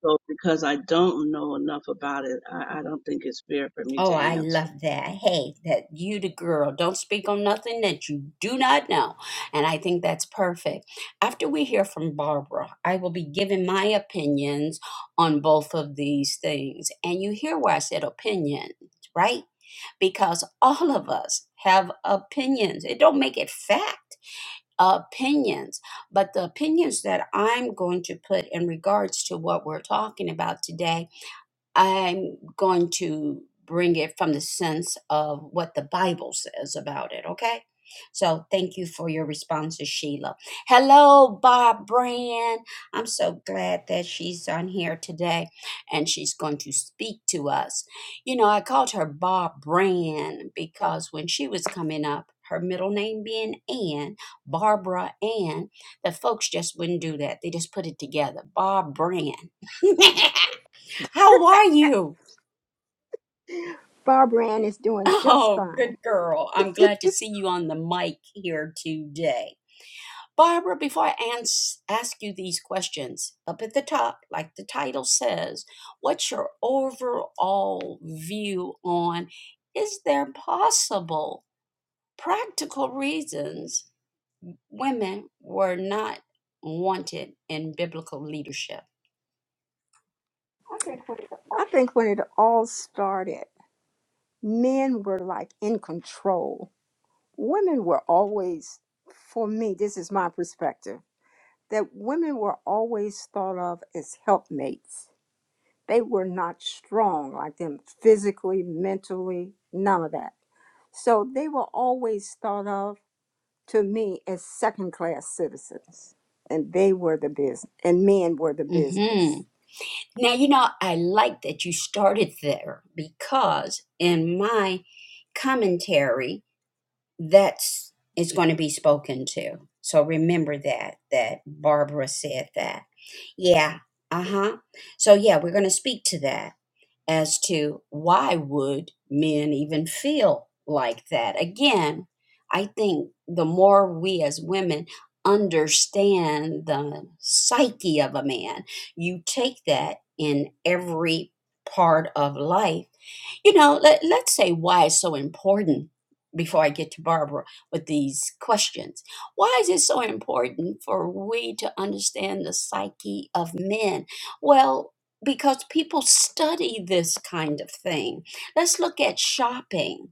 Speaker 3: So because I don't know enough about it, I, I don't think it's fair for me to
Speaker 1: Oh, I
Speaker 3: answer.
Speaker 1: love that. Hey, that you the girl. Don't speak on nothing that you do not know. And I think that's perfect. After we hear from Barbara, I will be giving my opinions on both of these things. And you hear where I said opinions, right? Because all of us have opinions. It don't make it fact. Opinions, but the opinions that I'm going to put in regards to what we're talking about today I'm going to bring it from the sense of what the Bible says about it, okay? So thank you for your responses, Sheila. Hello, Bob Brand. I'm so glad that she's on here today and she's going to speak to us. You know, I called her Bob Brand because when she was coming up, her middle name being Ann, Barbara Ann, the folks just wouldn't do that. They just put it together. Bob Brand. [LAUGHS] How are you?
Speaker 4: Barbara Ann is
Speaker 1: [LAUGHS]
Speaker 4: doing just
Speaker 1: Oh,
Speaker 4: fine.
Speaker 1: good girl. I'm glad to see you on the mic here today. Barbara, before I ans- ask you these questions, up at the top, like the title says, what's your overall view on is there possible practical reasons women were not wanted in biblical leadership?
Speaker 4: I think when it all started, men were like in control. Women were always, for me, this is my perspective, that women were always thought of as helpmates. They were not strong like them physically, mentally, none of that. So they were always thought of to me as second class citizens. And they were the business, and men were the business.
Speaker 1: hmm Now, you know, I like that you started there because in my commentary, that's is going to be spoken to. So remember that that Barbara said that. Yeah. Uh-huh. So yeah, we're going to speak to that as to why would men even feel like that again i think the more we as women understand the psyche of a man you take that in every part of life you know let, let's say why it's so important before i get to barbara with these questions why is it so important for we to understand the psyche of men well because people study this kind of thing. Let's look at shopping.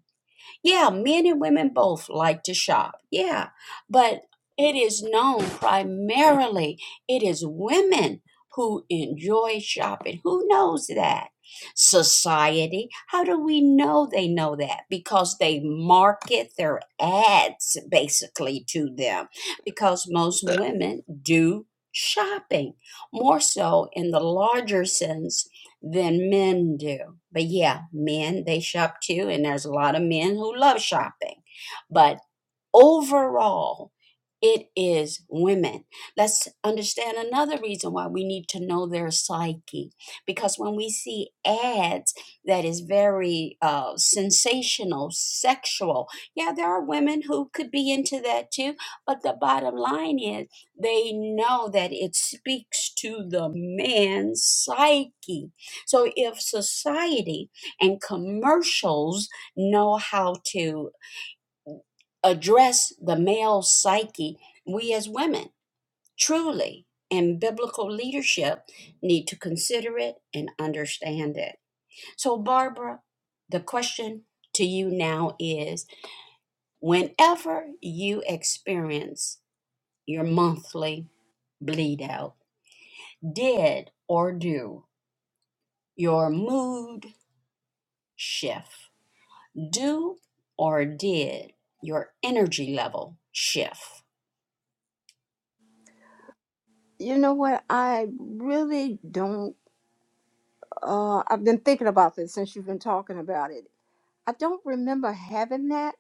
Speaker 1: Yeah, men and women both like to shop. Yeah. But it is known primarily it is women who enjoy shopping. Who knows that? Society. How do we know they know that? Because they market their ads basically to them because most women do shopping more so in the larger sense than men do. But yeah, men, they shop too, and there's a lot of men who love shopping. But overall it is women let's understand another reason why we need to know their psyche because when we see ads that is very uh, sensational sexual yeah there are women who could be into that too but the bottom line is they know that it speaks to the man's psyche so if society and commercials know how to address the male psyche, we as women truly in biblical leadership need to consider it and understand it. So, Barbara, the question to you now is whenever you experience your monthly bleed out, did or do your mood shift? Do or did your energy level shift?
Speaker 4: You know what? I really don't. Uh, I've been thinking about this since you've been talking about it. I don't remember having that.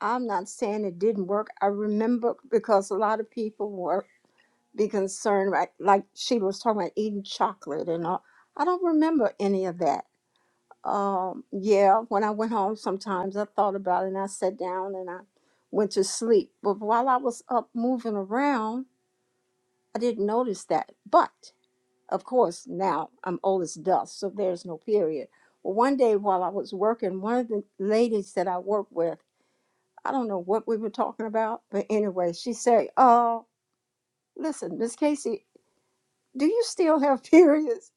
Speaker 4: I'm not saying it didn't work. I remember because a lot of people were be concerned, right? Like she was talking about eating chocolate and all. I don't remember any of that. Um, yeah, when I went home, sometimes I thought about it and I sat down and I went to sleep. But while I was up moving around, I didn't notice that. But Of course, now I'm old as dust, so there's no period. Well, one day while I was working, one of the ladies that I work with, I don't know what we were talking about, but anyway, she said, Oh, listen, Miss Casey, do you still have [LAUGHS] periods?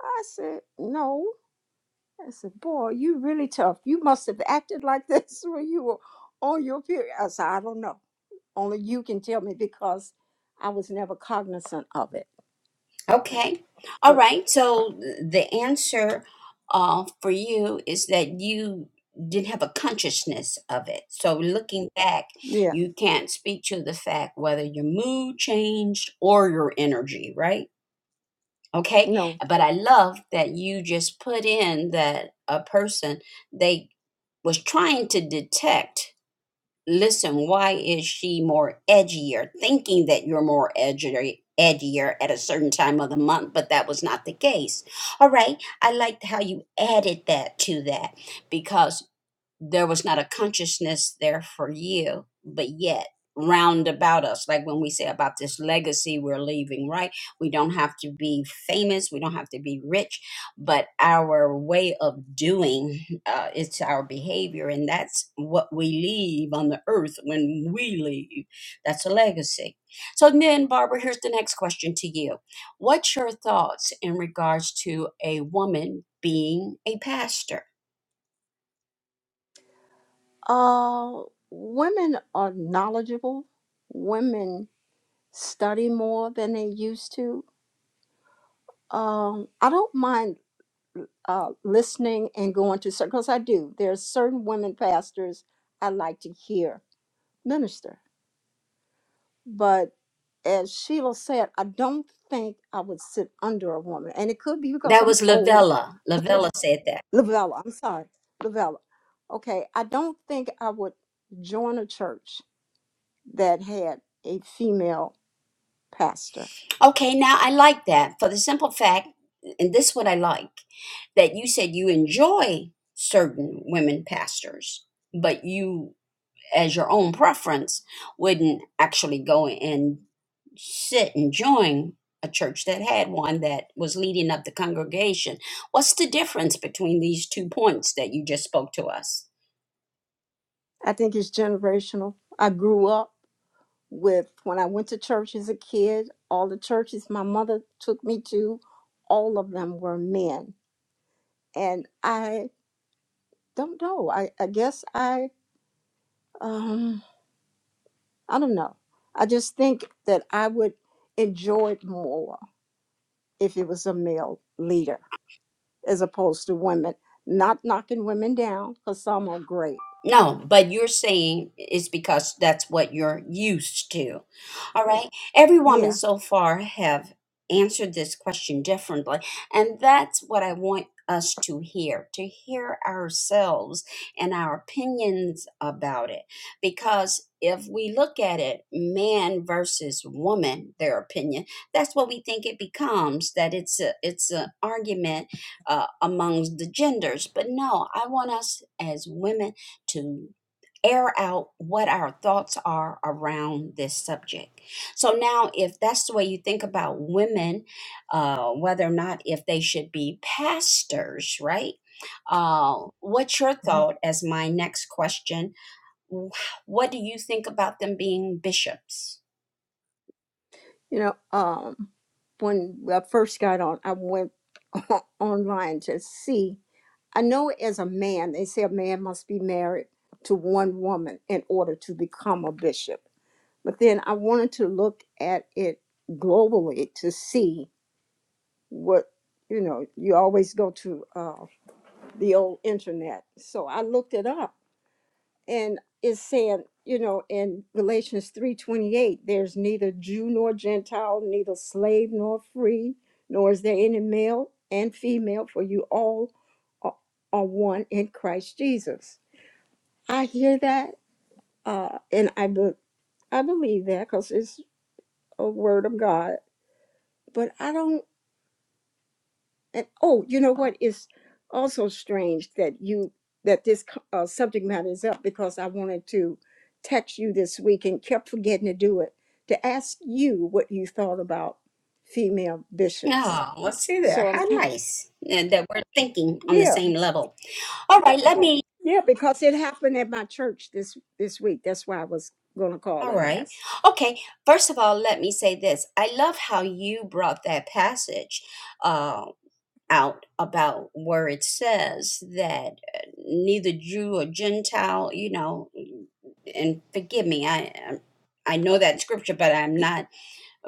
Speaker 4: I said, No. I said, Boy, you really tough. You must have acted like this [LAUGHS] when you were on your period. I said, I don't know. Only you can tell me because I was never cognizant of it.
Speaker 1: Okay. All
Speaker 4: But
Speaker 1: right. So th- the answer uh, for you is that you didn't have a consciousness of it. So looking back,
Speaker 4: yeah,
Speaker 1: you can't speak to the fact whether your mood changed or your energy, right? Okay.
Speaker 4: no.
Speaker 1: But I love that you just put in that a person they was trying to detect listen, why is she more edgier? Thinking that you're more edgier edgier at a certain time of the month, but that was not the case. All right. I liked how you added that to that because there was not a consciousness there for you, but yet round about us, like when we say about this legacy we're leaving, right? We don't have to be famous, we don't have to be rich, but our way of doing, uh, it's our behavior, and that's what we leave on the earth when we leave. That's a legacy. So then, Barbara, here's the next question to you. What's your thoughts in regards to a woman being a pastor?
Speaker 4: Uh, women are knowledgeable. Women study more than they used to. Um, I don't mind uh, listening and going to certain, because I do. There are certain women pastors I like to hear minister. But as Sheila said, I don't think I would sit under a woman. And it could be because
Speaker 1: That
Speaker 4: I'm
Speaker 1: was
Speaker 4: old.
Speaker 1: Lavella. Lavella said that.
Speaker 4: Lavella, I'm sorry. Lavella. Okay, I don't think I would join a church that had a female pastor.
Speaker 1: Okay, now I like that for the simple fact, and this is what I like, that you said you enjoy certain women pastors, but you as your own preference wouldn't actually go and sit and join a church that had one that was leading up the congregation. What's the difference between these two points that you just spoke to us?
Speaker 4: I think it's generational. I grew up with when I went to church as a kid, all the churches my mother took me to, all of them were men. And I don't know. I, I guess I um I don't know. I just think that I would enjoy it more if it was a male leader as opposed to women. Not knocking women down, because some are great.
Speaker 1: No, but you're saying it's because that's what you're used to. All right. Every woman
Speaker 4: Yeah.
Speaker 1: so far have answered this question differently. And that's what I want us to hear, to hear ourselves and our opinions about it. Because if we look at it, man versus woman, their opinion, that's what we think it becomes, that it's a it's an argument uh, amongst the genders. But no, I want us as women to air out what our thoughts are around this subject. So now, if that's the way you think about women, uh, whether or not if they should be pastors, right? Uh, what's your thought as my next question what do you think about them being bishops?
Speaker 4: You know, um, when I first got on, I went [LAUGHS] online to see. I know as a man, they say a man must be married to one woman in order to become a bishop. But then I wanted to look at it globally to see what, you know, you always go to uh, the old internet. So I looked it up and is saying, you know, in Galatians 3:28, there's neither Jew nor Gentile, neither slave nor free, nor is there any male and female, for you all are, are one in Christ Jesus. I hear that, uh, and I be- I believe that because it's a word of God. But I don't. And oh, you know what is also strange that you that this co- uh, subject matter is up because I wanted to text you this week and kept forgetting to do it to ask you what you thought about female bishops.
Speaker 1: Oh, let's see there.
Speaker 4: So I'm
Speaker 1: How
Speaker 4: kin-
Speaker 1: nice uh, that we're thinking on the
Speaker 4: yeah
Speaker 1: same level. All right, let me.
Speaker 4: yeah because it happened at my church this this week. That's why I was going to call
Speaker 1: All
Speaker 4: and
Speaker 1: right.
Speaker 4: ask.
Speaker 1: Okay. First of all, let me say this. I love how you brought that passage. uh, out about where it says that uh, neither Jew or Gentile, you know, and forgive me, I I know that scripture, but I'm not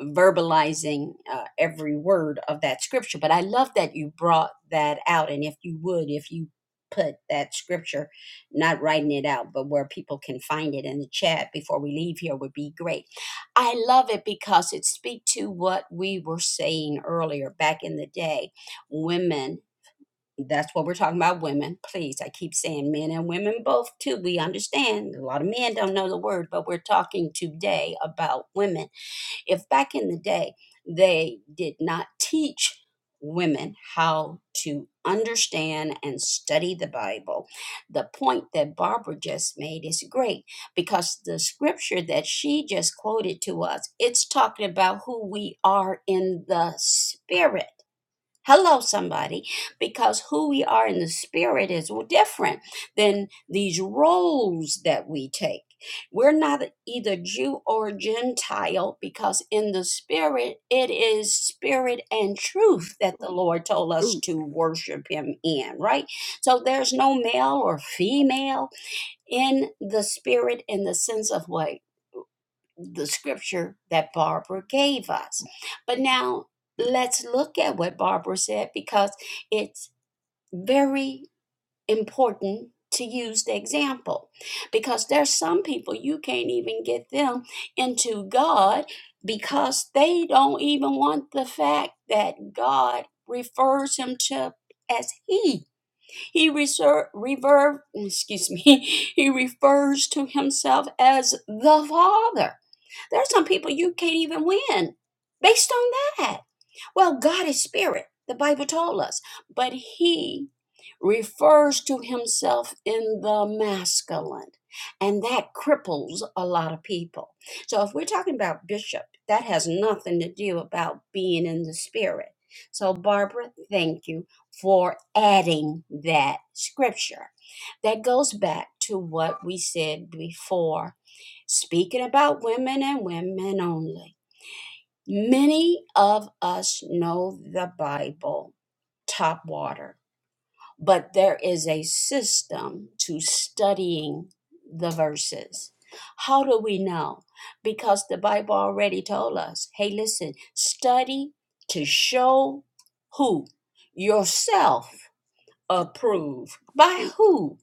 Speaker 1: verbalizing uh, every word of that scripture. But I love that you brought that out. And if you would, if you put that scripture, not writing it out, but where people can find it in the chat before we leave here would be great. I love it because it speaks to what we were saying earlier back in the day. Women, that's what we're talking about, women. Please, I keep saying men and women both too. We understand a lot of men don't know the word, but we're talking today about women if back in the day they did not teach women how to understand and study the Bible, the point that Barbara just made is great because the scripture that she just quoted to us, it's talking about who we are in the spirit hello somebody because who we are in the spirit is different than these roles that we take we're not either jew or gentile because in the spirit it is spirit and truth that the lord told us
Speaker 4: Truth.
Speaker 1: to worship him in right so there's no male or female in the spirit in the sense of what the scripture that Barbara gave us. But now let's look at what Barbara said because it's very important to use the example because there's some people you can't even get them into God because they don't even want the fact that God refers him to as he he reserve, rever- excuse me, [LAUGHS] he refers to himself as the Father. There are some people you can't even win based on that. Well, God is spirit, the Bible told us, but he refers to himself in the masculine, and that cripples a lot of people. So if we're talking about bishop, that has nothing to do about being in the spirit. So Barbara, thank you for adding that scripture. That goes back to what we said before, speaking about women and women only. Many of us know the Bible top water, but there is a system to studying the verses. How do we know? Because the Bible already told us hey, listen, study to show who? Yourself approved. By who?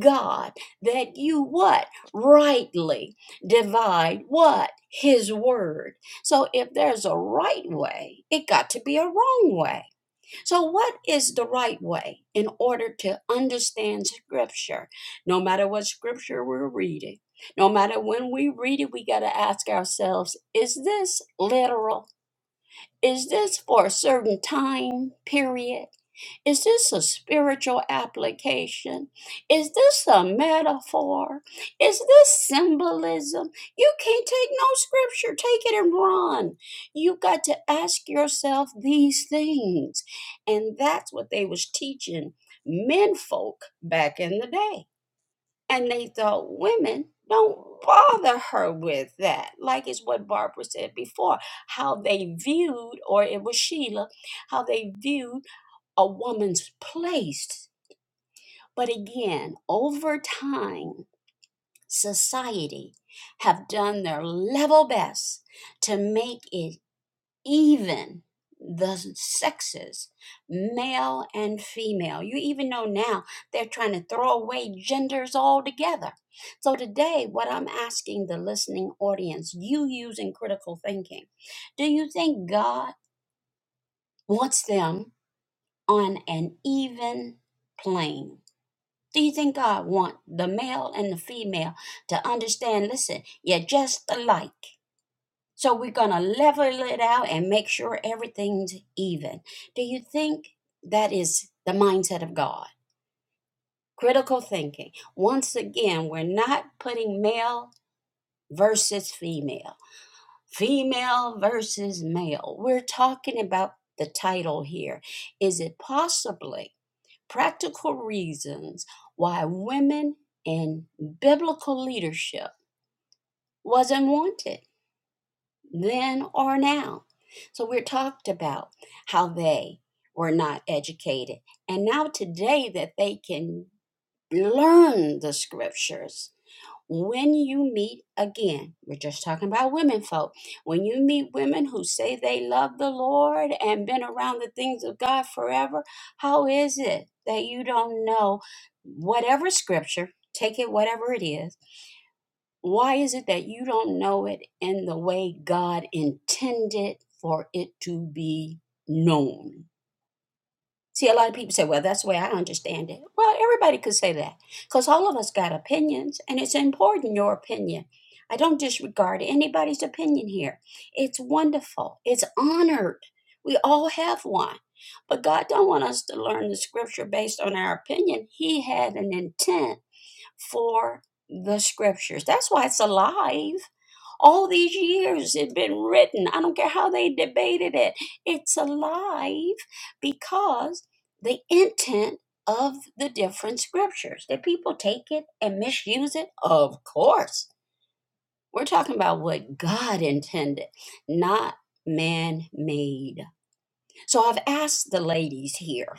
Speaker 1: God. That you what? Rightly divide what? His word. So if there's a right way, it got to be a wrong way. So what is the right way in order to understand scripture? No matter what scripture we're reading, no matter when we read it, we got to ask ourselves, is this literal? Is this for a certain time period? Is this a spiritual application? Is this a metaphor? Is this symbolism? You can't take no scripture, take it and run. You got to ask yourself these things. And that's what they was teaching men folk back in the day. And they thought women don't bother her with that. Like it's what Barbara said before, how they viewed, or it was Sheila, how they viewed a woman's place. But again, over time, society have done their level best to make it even the sexes, male and female. You even know now they're trying to throw away genders altogether. So, today, what I'm asking the listening audience, you using critical thinking, do you think God wants them on an even plane? Do you think God wants the male and the female to understand? Listen, you're just alike. So we're going to level it out and make sure everything's even. Do you think that is the mindset of God? Critical thinking. Once again, we're not putting male versus female, female versus male. We're talking about the title here. Is it possibly practical reasons why women in biblical leadership wasn't wanted? then or now. So we're talked about how they were not educated. And now today that they can learn the scriptures. When you meet again, we're just talking about women folk. When you meet women who say they love the Lord and been around the things of God forever, how is it that you don't know whatever scripture, take it whatever it is, why is it that you don't know it in the way God intended for it to be known? See, a lot of people say, well, that's the way I understand it. Well, everybody could say that because all of us got opinions, and it's important your opinion. I don't disregard anybody's opinion here. It's wonderful, it's honored. We all have one. But God don't want us to learn the scripture based on our opinion. He had an intent for the scriptures. That's why it's alive. All these years it has been written. I don't care how they debated it. It's alive because the intent of the different scriptures. Did people take it and misuse it? Of course. We're talking about what God intended, not man made. So I've asked the ladies here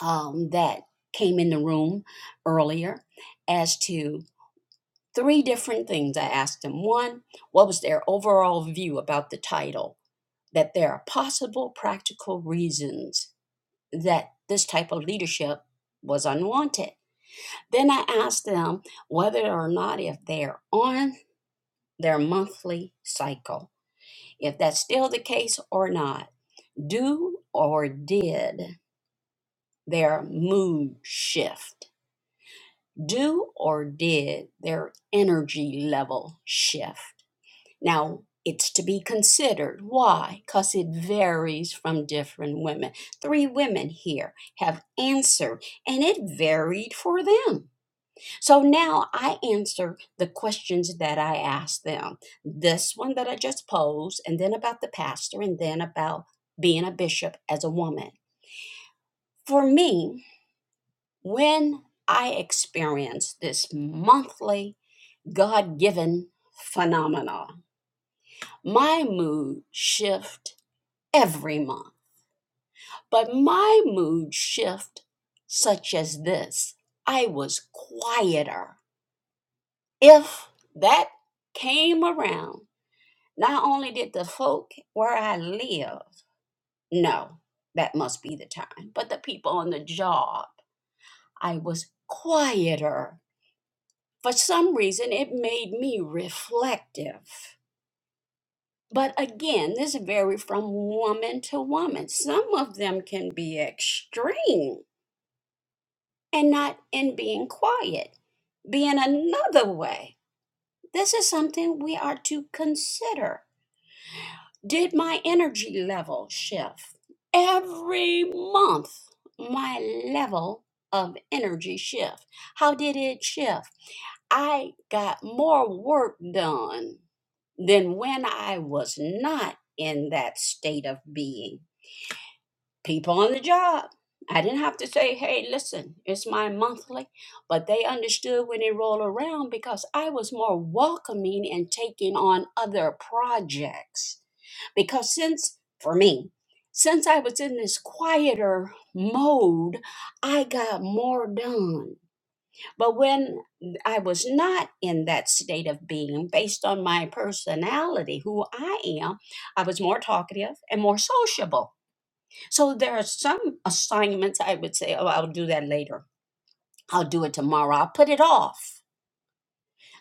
Speaker 1: um, that came in the room earlier as to three different things I asked them. One, what was their overall view about the title? That there are possible practical reasons that this type of leadership was unwanted. Then I asked them whether or not if they're on their monthly cycle, if that's still the case or not. Do or did their mood shift? Do or did their energy level shift? Now, it's to be considered. Why? Because it varies from different women. Three women here have answered, and it varied for them. So now I answer the questions that I asked them. This one that I just posed, and then about the pastor, and then about being a bishop as a woman. For me, when I experience this monthly God given phenomena, my mood shift every month. But my mood shift, such as this, I was quieter. If that came around, not only did the folk where I live know that must be the time, but the people on the job, I was quieter. For some reason, it made me reflective. But again, this varies from woman to woman. Some of them can be extreme and not in being quiet, being another way. This is something we are to consider. Did my energy level shift? Every month, my level of energy shift. How did it shift? I got more work done than when I was not in that state of being people on the job. I didn't have to say, hey, listen, it's my monthly. But they understood when it rolled around because I was more welcoming and taking on other projects. Because since, for me, since I was in this quieter mode, I got more done. But when I was not in that state of being, based on my personality, who I am, I was more talkative and more sociable so there are some assignments I would say, oh, I'll do that later. I'll do it tomorrow. I'll put it off.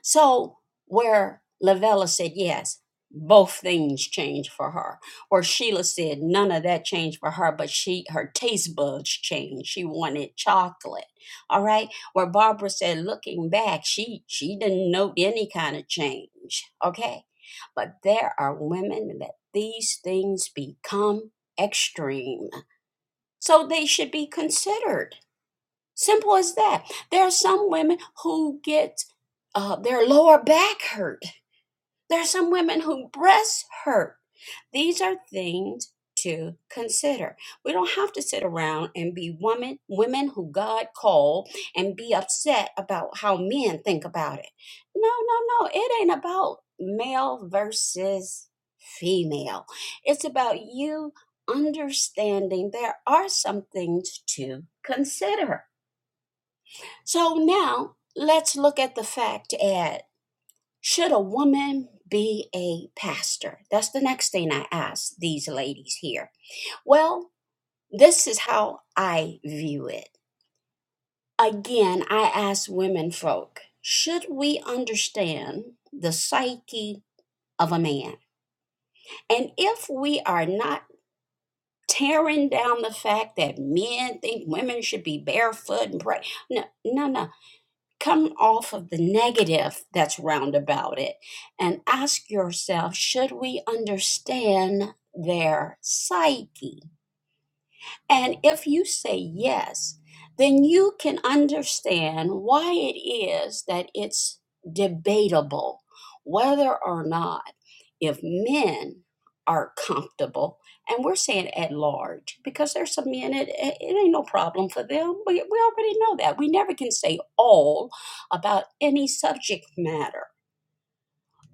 Speaker 1: So where Lavella said yes, both things changed for her. or Sheila said none of that changed for her, but she her taste buds changed. She wanted chocolate. All right. Where Barbara said, looking back, she she didn't note any kind of change. Okay. But there are women that these things become extreme. So they should be considered. Simple as that. There are some women who get uh, their lower back hurt there are some women whose breasts hurt. These are things to consider. We don't have to sit around and be women women who God called and be upset about how men think about it. No, no, no. It ain't about male versus female. It's about you understanding there are some things to consider. So now let's look at the fact add should a woman be a pastor? That's the next thing I ask these ladies here. Well, this is how I view it. Again, I ask women folk, should we understand the psyche of a man? And if we are not tearing down the fact that men think women should be barefoot and pray, no, no, no. come off of the negative that's round about it and ask yourself should we understand their psyche and if you say yes, then you can understand why it is that it's debatable whether or not if men are comfortable, and we're saying at large, because there's some men, it, it it ain't no problem for them. We, we already know that. We never can say all about any subject matter.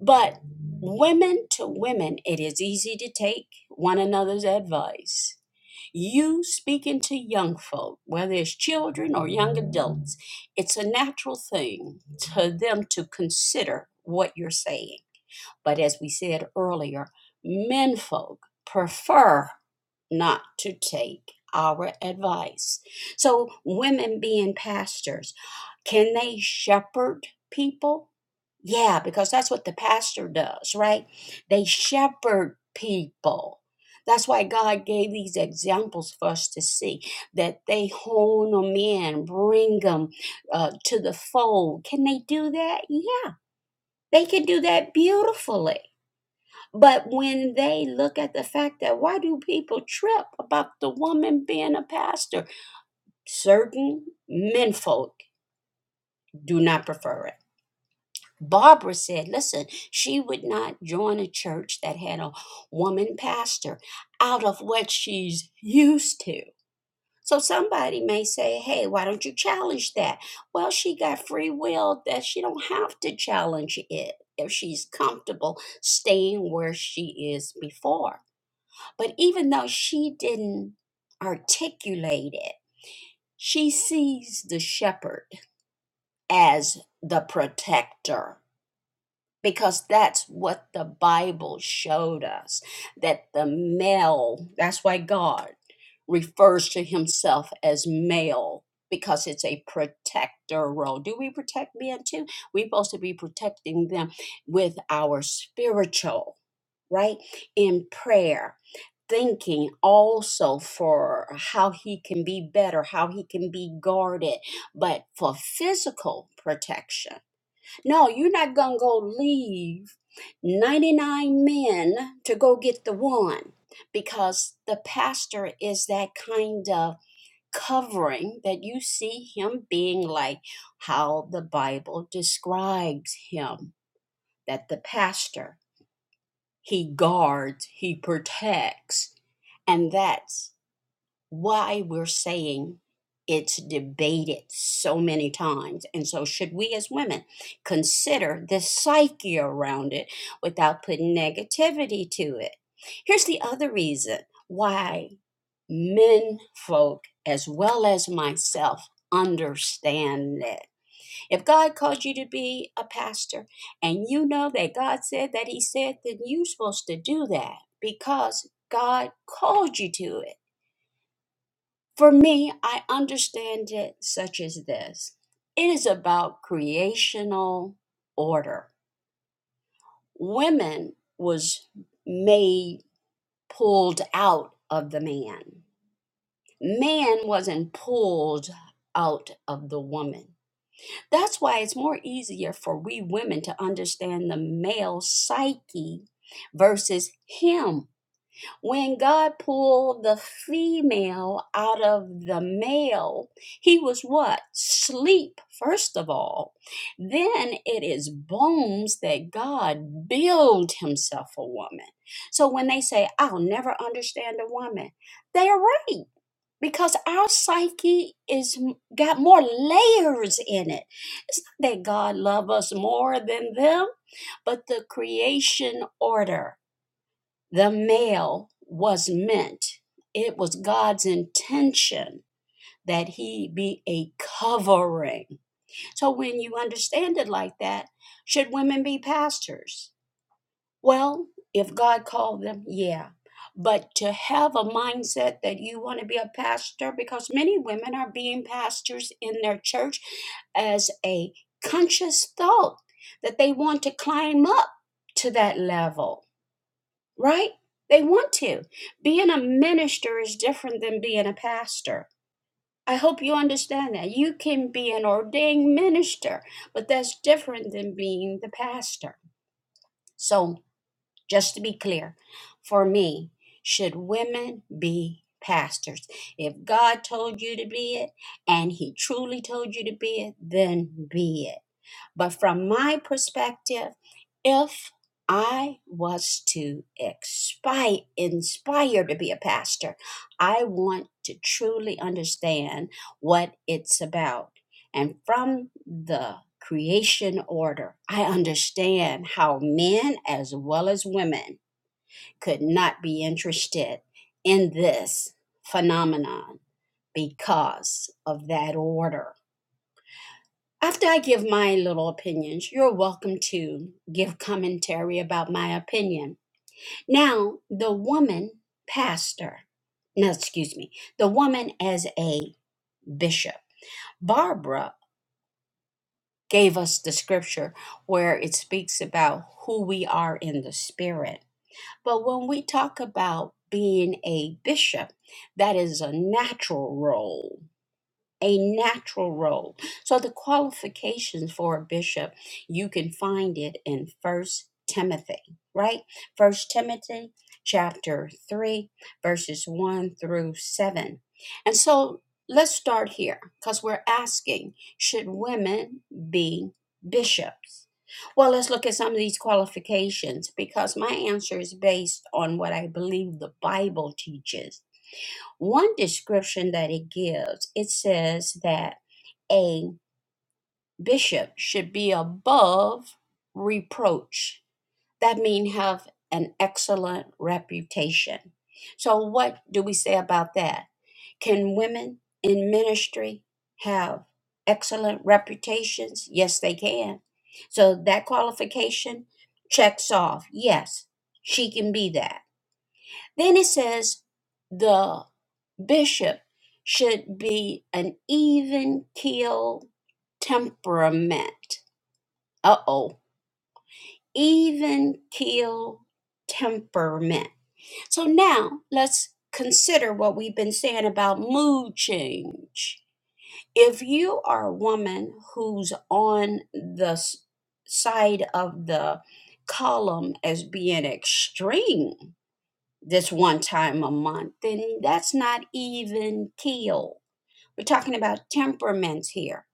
Speaker 1: But women to women, it is easy to take one another's advice. You speaking to young folk, whether it's children or young adults, it's a natural thing to them to consider what you're saying. But as we said earlier, men folk prefer not to take our advice. So, women being pastors, can they shepherd people? Yeah, because that's what the pastor does, right? They shepherd people. That's why God gave these examples for us to see that they hone them in, bring them uh, to the fold. Can they do that? Yeah, they can do that beautifully but when they look at the fact that why do people trip about the woman being a pastor? Certain menfolk do not prefer it. Barbara said, listen, she would not join a church that had a woman pastor out of what she's used to. So somebody may say, hey, why don't you challenge that? Well, she got free will that she don't have to challenge it if she's comfortable staying where she is before. But even though she didn't articulate it, she sees the shepherd as the protector because that's what the Bible showed us that the male, that's why God refers to himself as male because it's a protector role. Do we protect men too? We're supposed to be protecting them with our spiritual, right? In prayer thinking also for how he can be better, how he can be guarded, but for physical protection. No, you're not going to go leave 99 men to go get the one because the pastor is that kind of covering that you see him being like how the Bible describes him that the pastor he guards, he protects. And that's why we're saying it's debated so many times. And so, should we as women consider the psyche around it without putting negativity to it? Here's the other reason why men folk, as well as myself, understand it. If God called you to be a pastor and you know that God said that He said, then you're supposed to do that because God called you to it. For me, I understand it such as this it is about creational order. Women was made pulled out of the man, man wasn't pulled out of the woman. That's why it's more easier for we women to understand the male psyche versus him When God pulled the female out of the male, he was what? Sleep, first of all. Then it is bones that God build himself a woman. So when they say, I'll never understand a woman, they're right. Because our psyche is got more layers in it. It's not that God love us more than them, but the creation order. The male was meant, it was God's intention that he be a covering. So when you understand it like that, should women be pastors? Well, if God called them, yeah. But to have a mindset that you want to be a pastor, because many women are being pastors in their church as a conscious thought that they want to climb up to that level right? They want to. Being a minister is different than being a pastor. I hope you understand that. You can be an ordained minister, but that's different than being the pastor. So, just to be clear, for me, should women be pastors? If God told you to be it and He truly told you to be it, then be it but from my perspective, if I was to expi- inspire to be a pastor, I want to truly understand what it's about. And from the creation order, I understand how men as well as women could not be interested in this phenomenon because of that order after I give my little opinions, you're welcome to give commentary about my opinion. Now, the woman pastor, no, excuse me, the woman as a bishop, Barbara gave us the scripture where it speaks about who we are in the spirit. But when we talk about being a bishop, that is a natural role a natural role. So the qualifications for a bishop, you can find it in First Timothy, right? First Timothy chapter 3 verses 1 through 7. And so let's start here cuz we're asking should women be bishops? Well, let's look at some of these qualifications because my answer is based on what I believe the Bible teaches one description that it gives, it says that a bishop should be above reproach. That means have an excellent reputation. So, what do we say about that? Can women in ministry have excellent reputations? Yes, they can. So, that qualification checks off yes, she can be that. Then it says the bishop should be an even keel temperament. Uh oh, even keel temperament. So now let's consider what we've been saying about mood change. If you are a woman who's on the s- side of the column as being extreme, this one time a month, then that's not even killed. We're talking about temperaments here.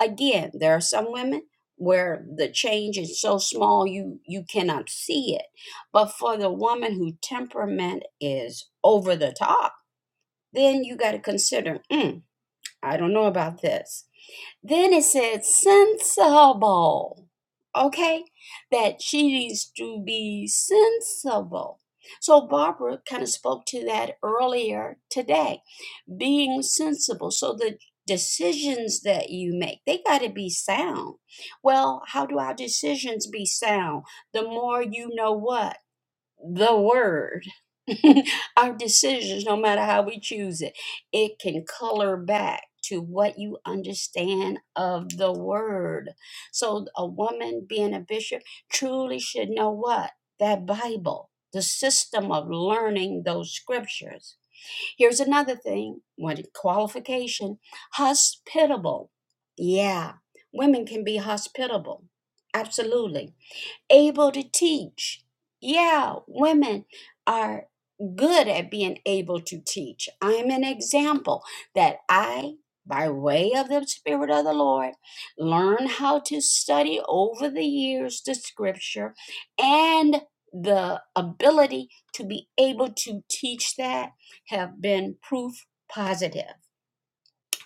Speaker 1: Again, there are some women where the change is so small you you cannot see it. But for the woman whose temperament is over the top, then you got to consider, mm, I don't know about this then it said sensible. Okay, that she needs to be sensible. So Barbara kind of spoke to that earlier today, being sensible. So the decisions that you make, they got to be sound. Well, how do our decisions be sound? The more you know what? the word [LAUGHS] our decisions no matter how we choose it it can color back to what you understand of the word so a woman being a bishop truly should know what that bible the system of learning those scriptures here's another thing one qualification hospitable yeah women can be hospitable absolutely able to teach. Yeah, women are good at being able to teach. I'm an example that I, by way of the Spirit of the Lord, learn how to study over the years the scripture and the ability to be able to teach that have been proof positive.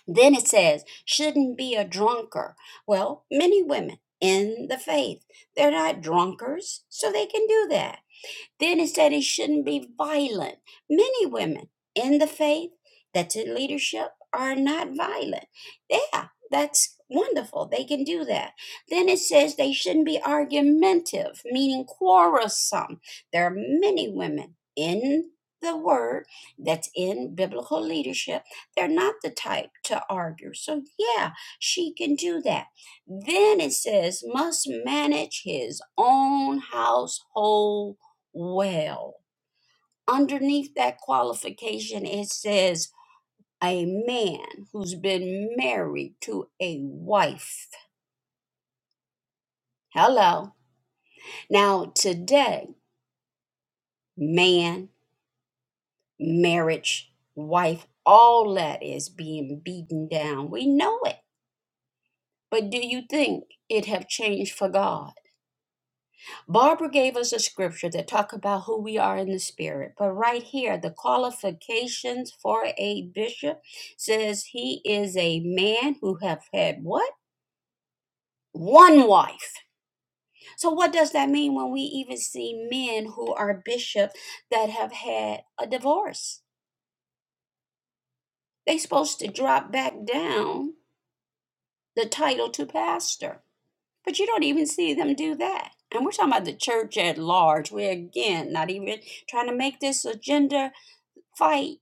Speaker 1: Then it says, shouldn't be a drunker. Well, many women in the faith, they're not drunkards, so they can do that. Then it said he shouldn't be violent. Many women in the faith that's in leadership are not violent. Yeah, that's wonderful. They can do that. Then it says they shouldn't be argumentative, meaning quarrelsome. There are many women in the word that's in biblical leadership. They're not the type to argue. So, yeah, she can do that. Then it says, must manage his own household well. Underneath that qualification, it says a man who's been married to a wife. Hello. Now, today, man, marriage, wife, all that is being beaten down. We know it. But do you think it have changed for God? Barbara gave us a scripture that talk about who we are in the spirit. But right here, the qualifications for a bishop says he is a man who have had what? One wife. So what does that mean when we even see men who are bishop that have had a divorce? They supposed to drop back down the title to pastor. But you don't even see them do that. And we're talking about the church at large. We're again not even trying to make this a gender fight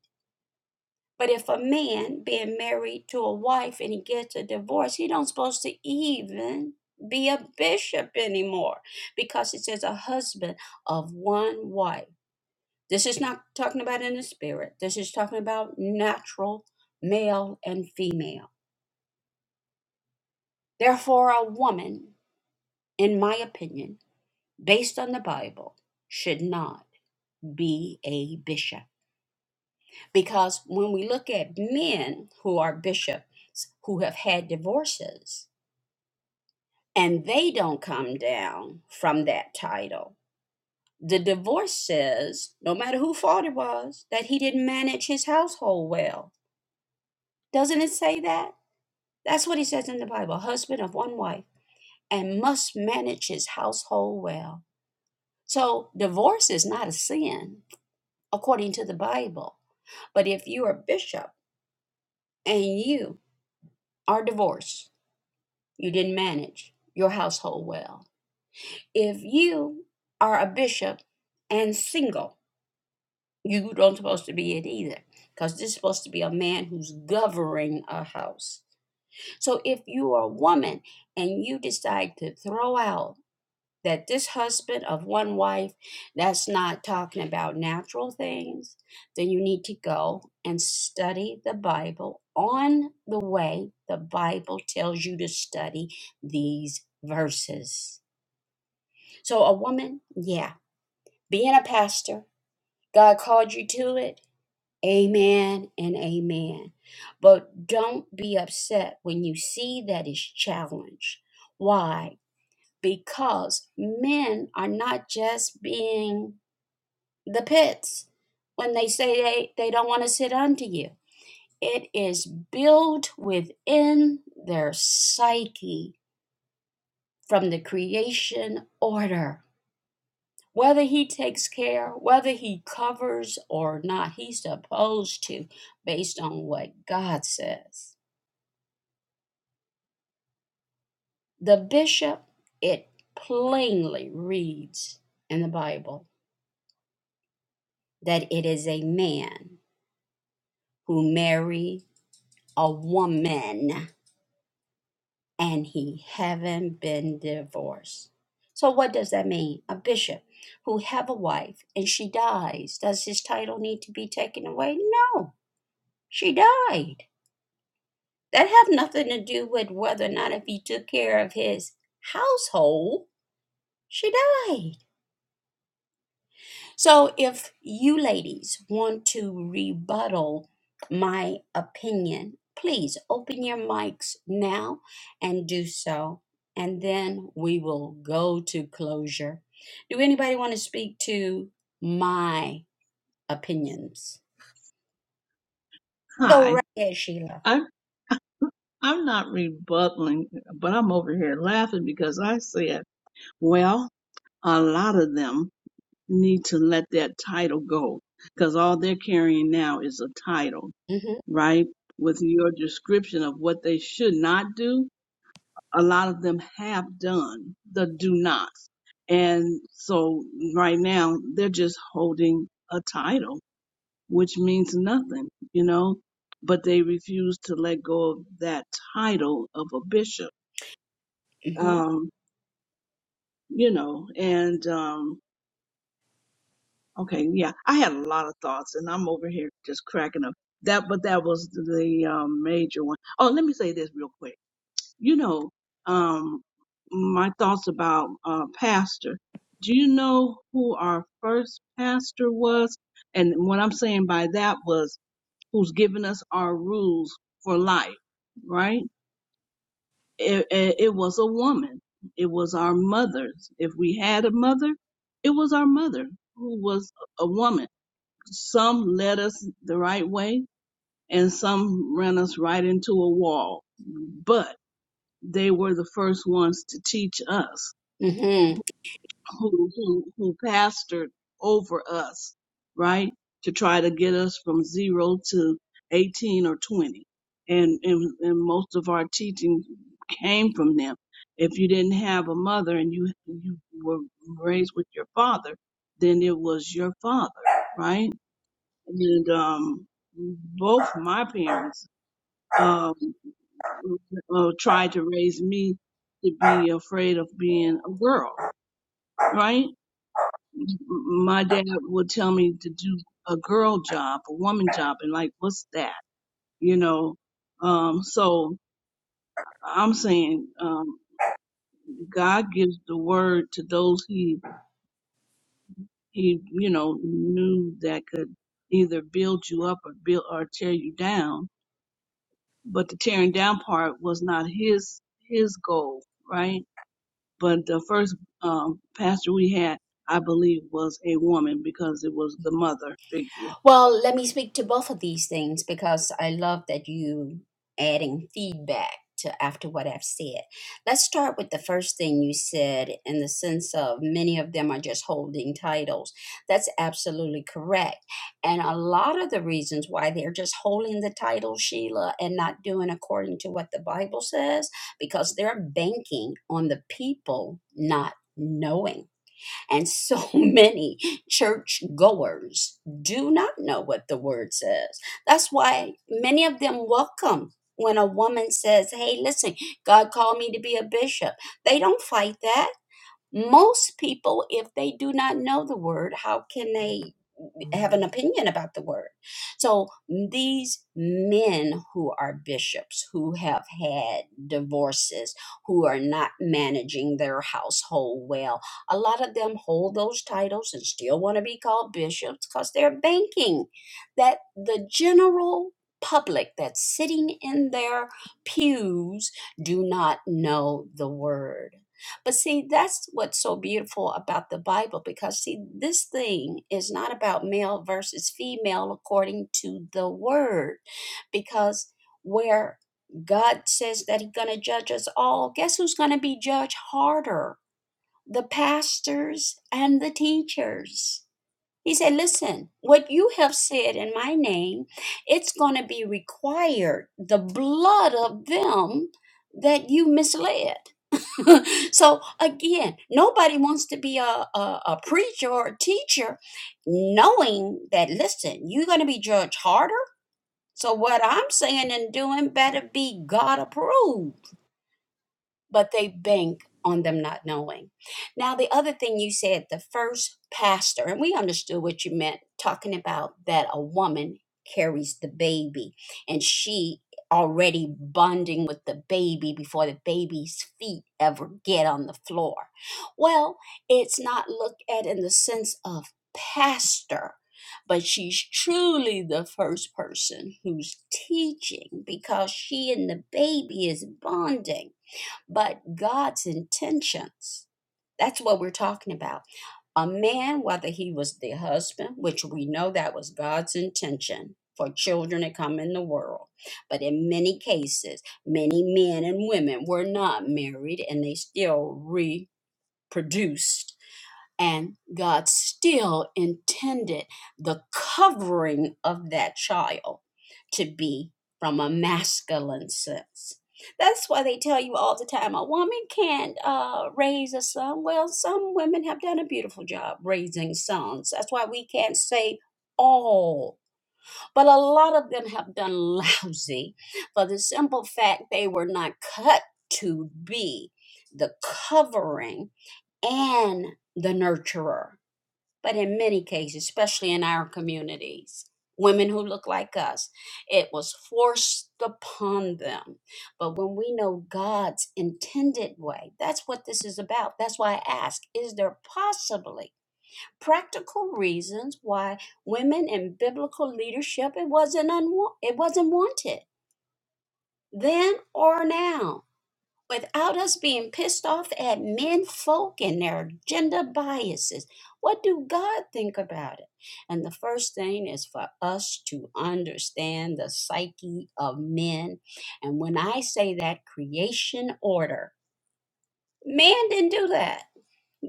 Speaker 1: But if a man being married to a wife and he gets a divorce, he don't supposed to even be a bishop anymore because it says a husband of one wife. This is not talking about in the spirit. This is talking about natural male and female. Therefore, a woman, in my opinion, based on the Bible, should not be a bishop. Because when we look at men who are bishops who have had divorces, and they don't come down from that title. The divorce says, no matter who fault it was, that he didn't manage his household well. Doesn't it say that? That's what he says in the Bible husband of one wife, and must manage his household well. So, divorce is not a sin, according to the Bible. But if you're a bishop and you are divorced, you didn't manage your household well. If you are a bishop and single, you don't supposed to be it either because this is supposed to be a man who's governing a house so if you are a woman and you decide to throw out that this husband of one wife that's not talking about natural things then you need to go and study the bible on the way the bible tells you to study these verses so a woman yeah being a pastor god called you to it Amen and amen. But don't be upset when you see that it's challenged. Why? Because men are not just being the pits when they say they, they don't want to sit unto you. It is built within their psyche from the creation order. Whether he takes care, whether he covers or not, he's supposed to, based on what God says. The bishop, it plainly reads in the Bible that it is a man who marry a woman and he haven't been divorced. So what does that mean? A bishop who have a wife and she dies, does his title need to be taken away? No, she died. That have nothing to do with whether or not if he took care of his household, she died. So if you ladies want to rebuttal my opinion, please open your mics now and do so. And then we will go to closure. Do anybody want to speak to my opinions? Go
Speaker 3: Hi,
Speaker 1: reggae, Sheila.
Speaker 3: I'm I'm not rebutting, but I'm over here laughing because I said, well, a lot of them need to let that title go because all they're carrying now is a title,
Speaker 1: Mm-hmm.
Speaker 3: right? With your description of what they should not do, a lot of them have done the do nots. And so right now they're just holding a title, which means nothing, you know, but they refuse to let go of that title of a bishop.
Speaker 1: Mm-hmm.
Speaker 3: Um, you know, and, um, Okay, yeah, I had a lot of thoughts, and I'm over here just cracking up. That, but that was the um, major one. Oh, let me say this real quick. You know, um, my thoughts about uh, pastor. Do you know who our first pastor was? And what I'm saying by that was who's given us our rules for life, right? It, it, it was a woman. It was our mothers. If we had a mother, it was our mother who was a woman some led us the right way and some ran us right into a wall. But they were the first ones to teach us
Speaker 1: Mm-hmm.
Speaker 3: who, who, who pastored over us, right? To try to get us from zero to 18 or 20. And, and, and most of our teaching came from them. If you didn't have a mother and you, you were raised with your father, then it was your father, right? and um, both my parents um, uh, tried to raise me to be afraid of being a girl. Right? My dad would tell me to do a girl job, a woman job, and like, what's that? You know. Um, so I'm saying um, God gives the word to those he he you know knew that could either build you up or build or tear you down but the tearing down part was not his his goal, right? But the first um, pastor we had, I believe, was a woman because it was the mother figure.
Speaker 1: Well, let me speak to both of these things because I love that you adding feedback to after what I've said. Let's start with the first thing you said in the sense of many of them are just holding titles. That's absolutely correct. And a lot of the reasons why they're just holding the title, Sheila, and not doing according to what the Bible says, because they're banking on the people not knowing. And so [LAUGHS] many church goers do not know what the word says. That's why many of them welcome when a woman says, Hey, listen, God called me to be a bishop. They don't fight that. Most people, if they do not know the word, how can they? have an opinion about the word. So these men who are bishops, who have had divorces, who are not managing their household well, a lot of them hold those titles and still want to be called bishops because they're banking that the general public that's sitting in their pews do not know the word but see, that's what's so beautiful about the Bible because, see, this thing is not about male versus female according to the word. Because where God says that He's going to judge us all, guess who's going to be judged harder? The pastors and the teachers. He said, Listen, what you have said in my name, it's going to be required the blood of them that you misled. [LAUGHS] so again, nobody wants to be a, a, a preacher or a teacher, knowing that listen, you're going to be judged harder. So what I'm saying and doing better be God approved but they bank on them not knowing. Now, the other thing you said, the first pastor, and we understood what you meant, talking about that a woman carries the baby and she already bonding with the baby before the baby's feet ever get on the floor. Well, it's not looked at in the sense of pastor. But she's truly the first person who's teaching because she and the baby is bonding but God's intentions. That's what we're talking about. A man, whether he was the husband, which we know that was God's intention for children to come in the world, but in many cases, many men and women were not married and they still reproduced and God still intended the covering of that child to be from a masculine sense. That's why they tell you all the time a woman can't uh, raise a son. Well, some women have done a beautiful job raising sons. That's why we can't say all, but a lot of them have done lousy for the simple fact they were not cut to be the covering and the nurturer. But in many cases, especially in our communities, women who look like us, it was forced upon them. But when we know God's intended way, that's what this is about. That's why I ask is there possibly practical reasons why women in biblical leadership it wasn't unwa- it wasn't wanted then or now without us being pissed off at men folk and their gender biases. What do God think about it? And the first thing is for us to understand the psyche of men. And when I say that creation order, man didn't do that.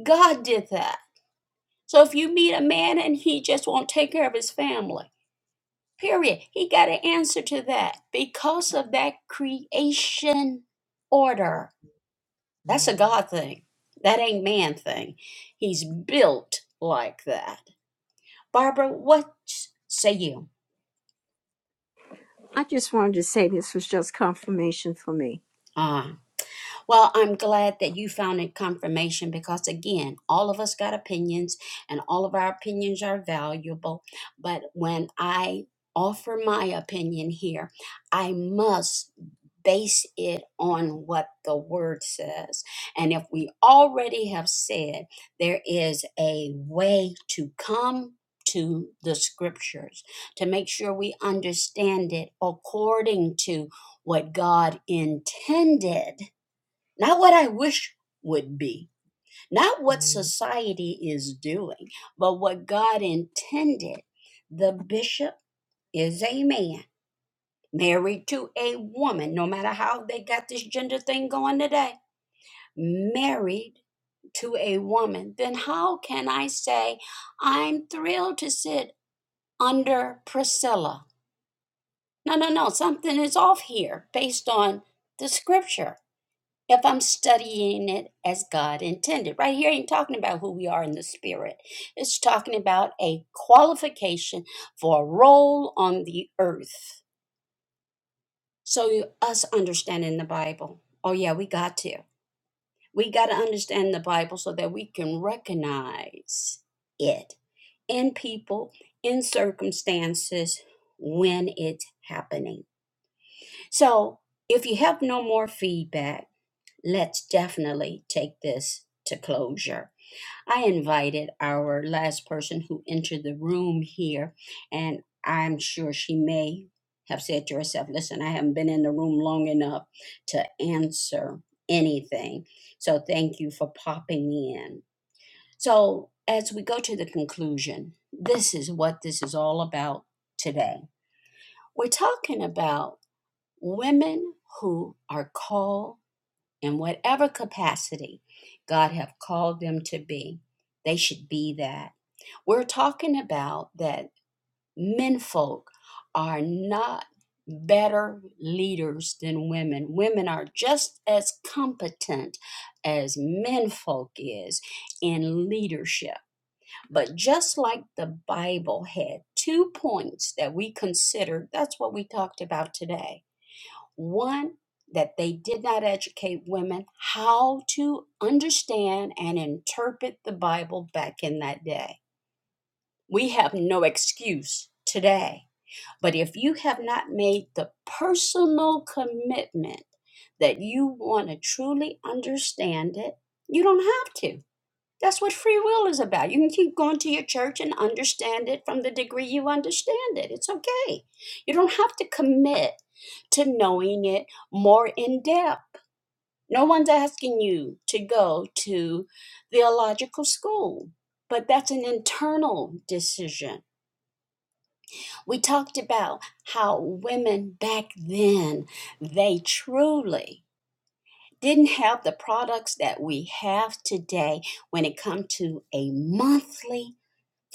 Speaker 1: God did that. So if you meet a man and he just won't take care of his family, period, he got an answer to that because of that creation order. That's a God thing. That ain't man thing. He's built like that. Barbara, what say you?
Speaker 4: I just wanted to say this was just confirmation for me.
Speaker 1: Ah, well, I'm glad that you found it confirmation because again, all of us got opinions and all of our opinions are valuable. But when I offer my opinion here, I must base it on what the word says. And if we already have said there is a way to come to the scriptures, to make sure we understand it according to what God intended, not what I wish would be, not what society is doing, but what God intended. The bishop is a man married to a woman, no matter how they got this gender thing going today, married to a woman, then how can I say I'm thrilled to sit under Priscilla? No, no, no, something is off here based on the scripture. If I'm studying it as God intended, right here ain't talking about who we are in the spirit. It's talking about a qualification for a role on the earth So you, us understanding the Bible. Oh yeah, we got to. We got to understand the Bible so that we can recognize it in people, in circumstances when it's happening. So if you have no more feedback, let's definitely take this to closure. I invited our last person who entered the room here, and I'm sure she may have said to herself, Listen, I haven't been in the room long enough to answer anything. So thank you for popping in. So, as we go to the conclusion, this is what this is all about today. We're talking about women who are called in whatever capacity God have called them to be. They should be that we're talking about that menfolk are not better leaders than women. Women are just as competent as menfolk is in leadership. But just like the Bible had two points that we considered, that's what we talked about today. One, that they did not educate women how to understand and interpret the Bible back in that day we have no excuse today. But if you have not made the personal commitment that you want to truly understand it, you don't have to. That's what free will is about. You can keep going to your church and understand it from the degree you understand it. It's okay. You don't have to commit to knowing it more in depth. No one's asking you to go to theological school, but that's an internal decision we talked about how women back then, they truly didn't have the products that we have today when it comes to a monthly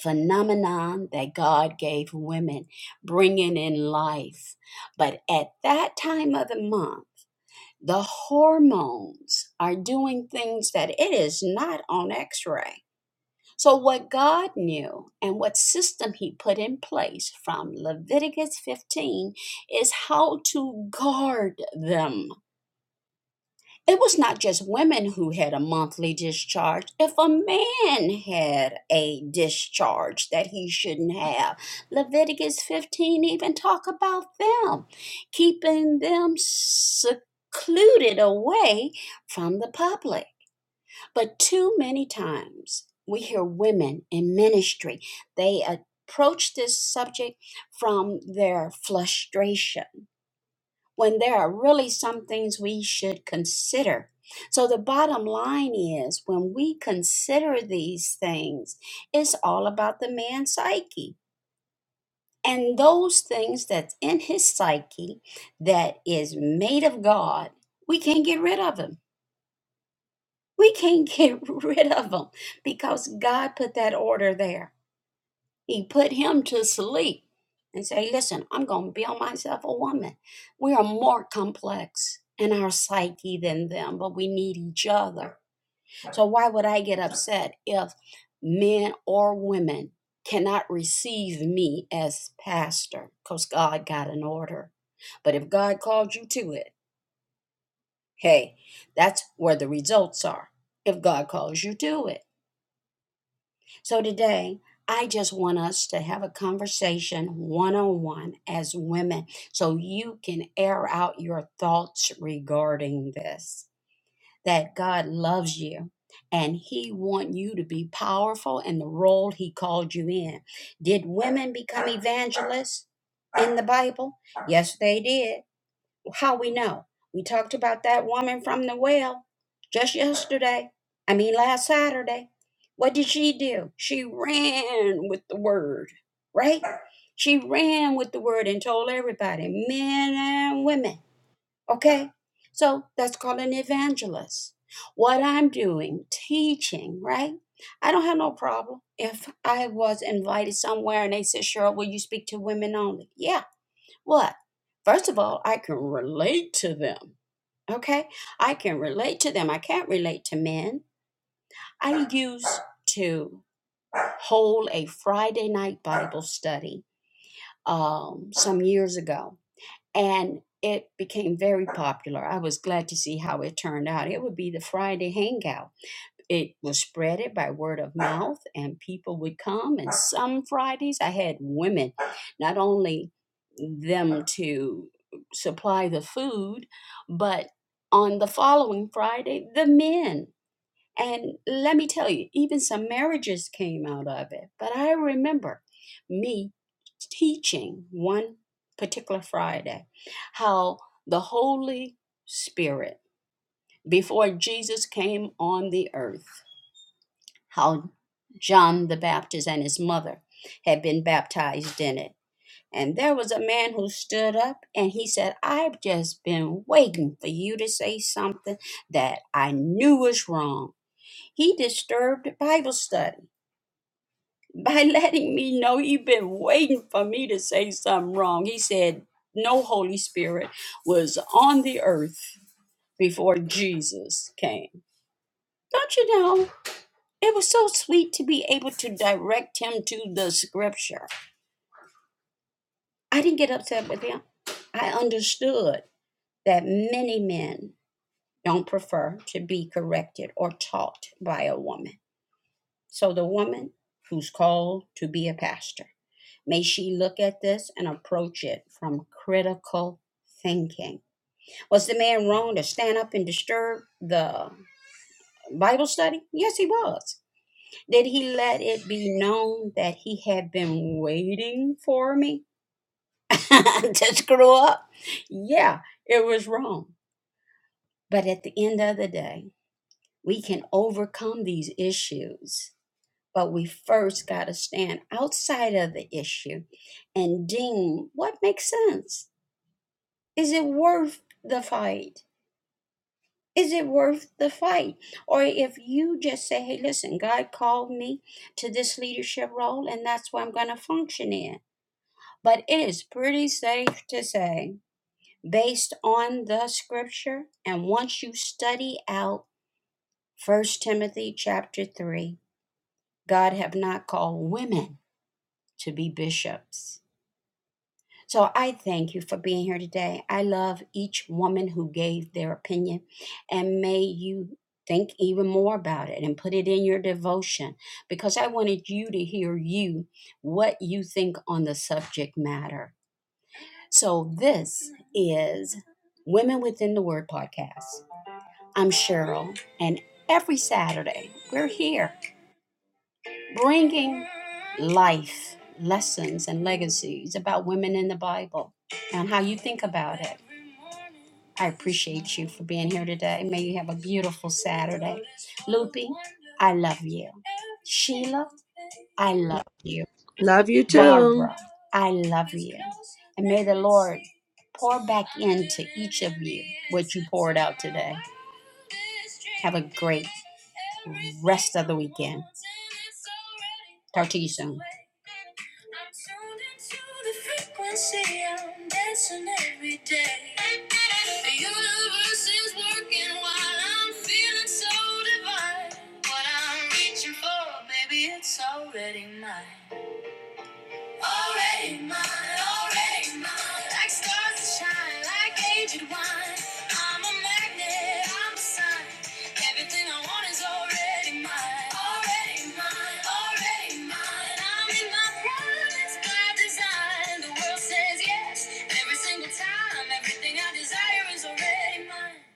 Speaker 1: phenomenon that God gave women, bringing in life. But at that time of the month, the hormones are doing things that it is not on x-ray so, what God knew and what system He put in place from Leviticus 15 is how to guard them. It was not just women who had a monthly discharge. If a man had a discharge that he shouldn't have, Leviticus 15 even talk about them, keeping them secluded away from the public. But too many times we hear women in ministry, they approach this subject from their frustration when there are really some things we should consider. So the bottom line is when we consider these things, it's all about the man's psyche. And those things that's in his psyche that is made of God, we can't get rid of them We can't [LAUGHS] get rid of them because God put that order there. He put him to sleep and say, Listen, I'm going to build myself a woman. We are more complex in our psyche than them, but we need each other. So, why would I get upset if men or women cannot receive me as pastor? Because God got an order. But if God called you to it, hey, that's where the results are. If God calls you to it. So today, I just want us to have a conversation one on one as women so you can air out your thoughts regarding this that God loves you and he want you to be powerful in the role he called you in. Did women become evangelists in the Bible? Yes, they did. How we know? We talked about that woman from the well just yesterday. I mean, last Saturday. What did she do? She ran with the word, right? She ran with the word and told everybody, men and women, okay? So that's called an evangelist. What I'm doing, teaching, right? I don't have no problem if I was invited somewhere and they said, Cheryl, will you speak to women only? Yeah, what? First of all, I can relate to them. Okay? I can relate to them. I can't relate to men. I used to hold a Friday night Bible study um, some years ago, and it became very popular. I was glad to see how it turned out. It would be the Friday hangout it was spreaded by word of mouth and people would come and some fridays i had women not only them to supply the food but on the following friday the men and let me tell you even some marriages came out of it but i remember me teaching one particular friday how the holy spirit before jesus came on the earth how John the Baptist and his mother had been baptized in it. And there was a man who stood up and he said, I've just been waiting for you to say something that I knew was wrong. He disturbed the Bible study [LAUGHS] by letting me know you've been waiting for me to say something wrong. He said, No Holy Spirit was on the earth before Jesus came. Don't you know? It was so sweet to be able to direct him to the scripture. I didn't get upset with him. I understood that many men don't prefer to be corrected or taught by a woman. So the woman who's called to be a pastor, may she look at this and approach it from critical thinking. Was the man wrong to stand up and disturb the Bible study? Yes, he was. Did he let it be known that he had been waiting for me [LAUGHS] to screw up? Yeah, it was wrong. But at the end of the day, we can overcome these issues. But we first got to stand outside of the issue and deem what makes sense. Is it worth the fight? Is it worth the fight? Or if you just say, hey, listen, God called me to this leadership role and that's what I'm going to function in But it is pretty safe to say, based on the scripture, and once you study out First Timothy chapter 3, God have not called women to be bishops. So I thank you for being here today. I love each woman who gave their opinion, and may you think even more about it and put it in your devotion because I wanted you to hear you what you think on the subject matter. So, this is Women Within the Word podcast. I'm Cheryl, and every Saturday we're here bringing life lessons and legacies about women in the Bible and how you think about it. I appreciate you for being here today. May you have a beautiful Saturday. Loopy, I love you. Sheila, I love you.
Speaker 2: Love you too.
Speaker 1: Barbara, I love you. And may the Lord pour back into each of you what you poured out today. Have a great rest of the weekend. Talk to you soon. Already mine. Already mine, already mine, like stars that shine, like aged wine. I'm a magnet, I'm a sign. Everything I want is already mine, already mine, already mine. I'm in my prime, it's by design. The world says yes every single time. Everything I desire is already mine.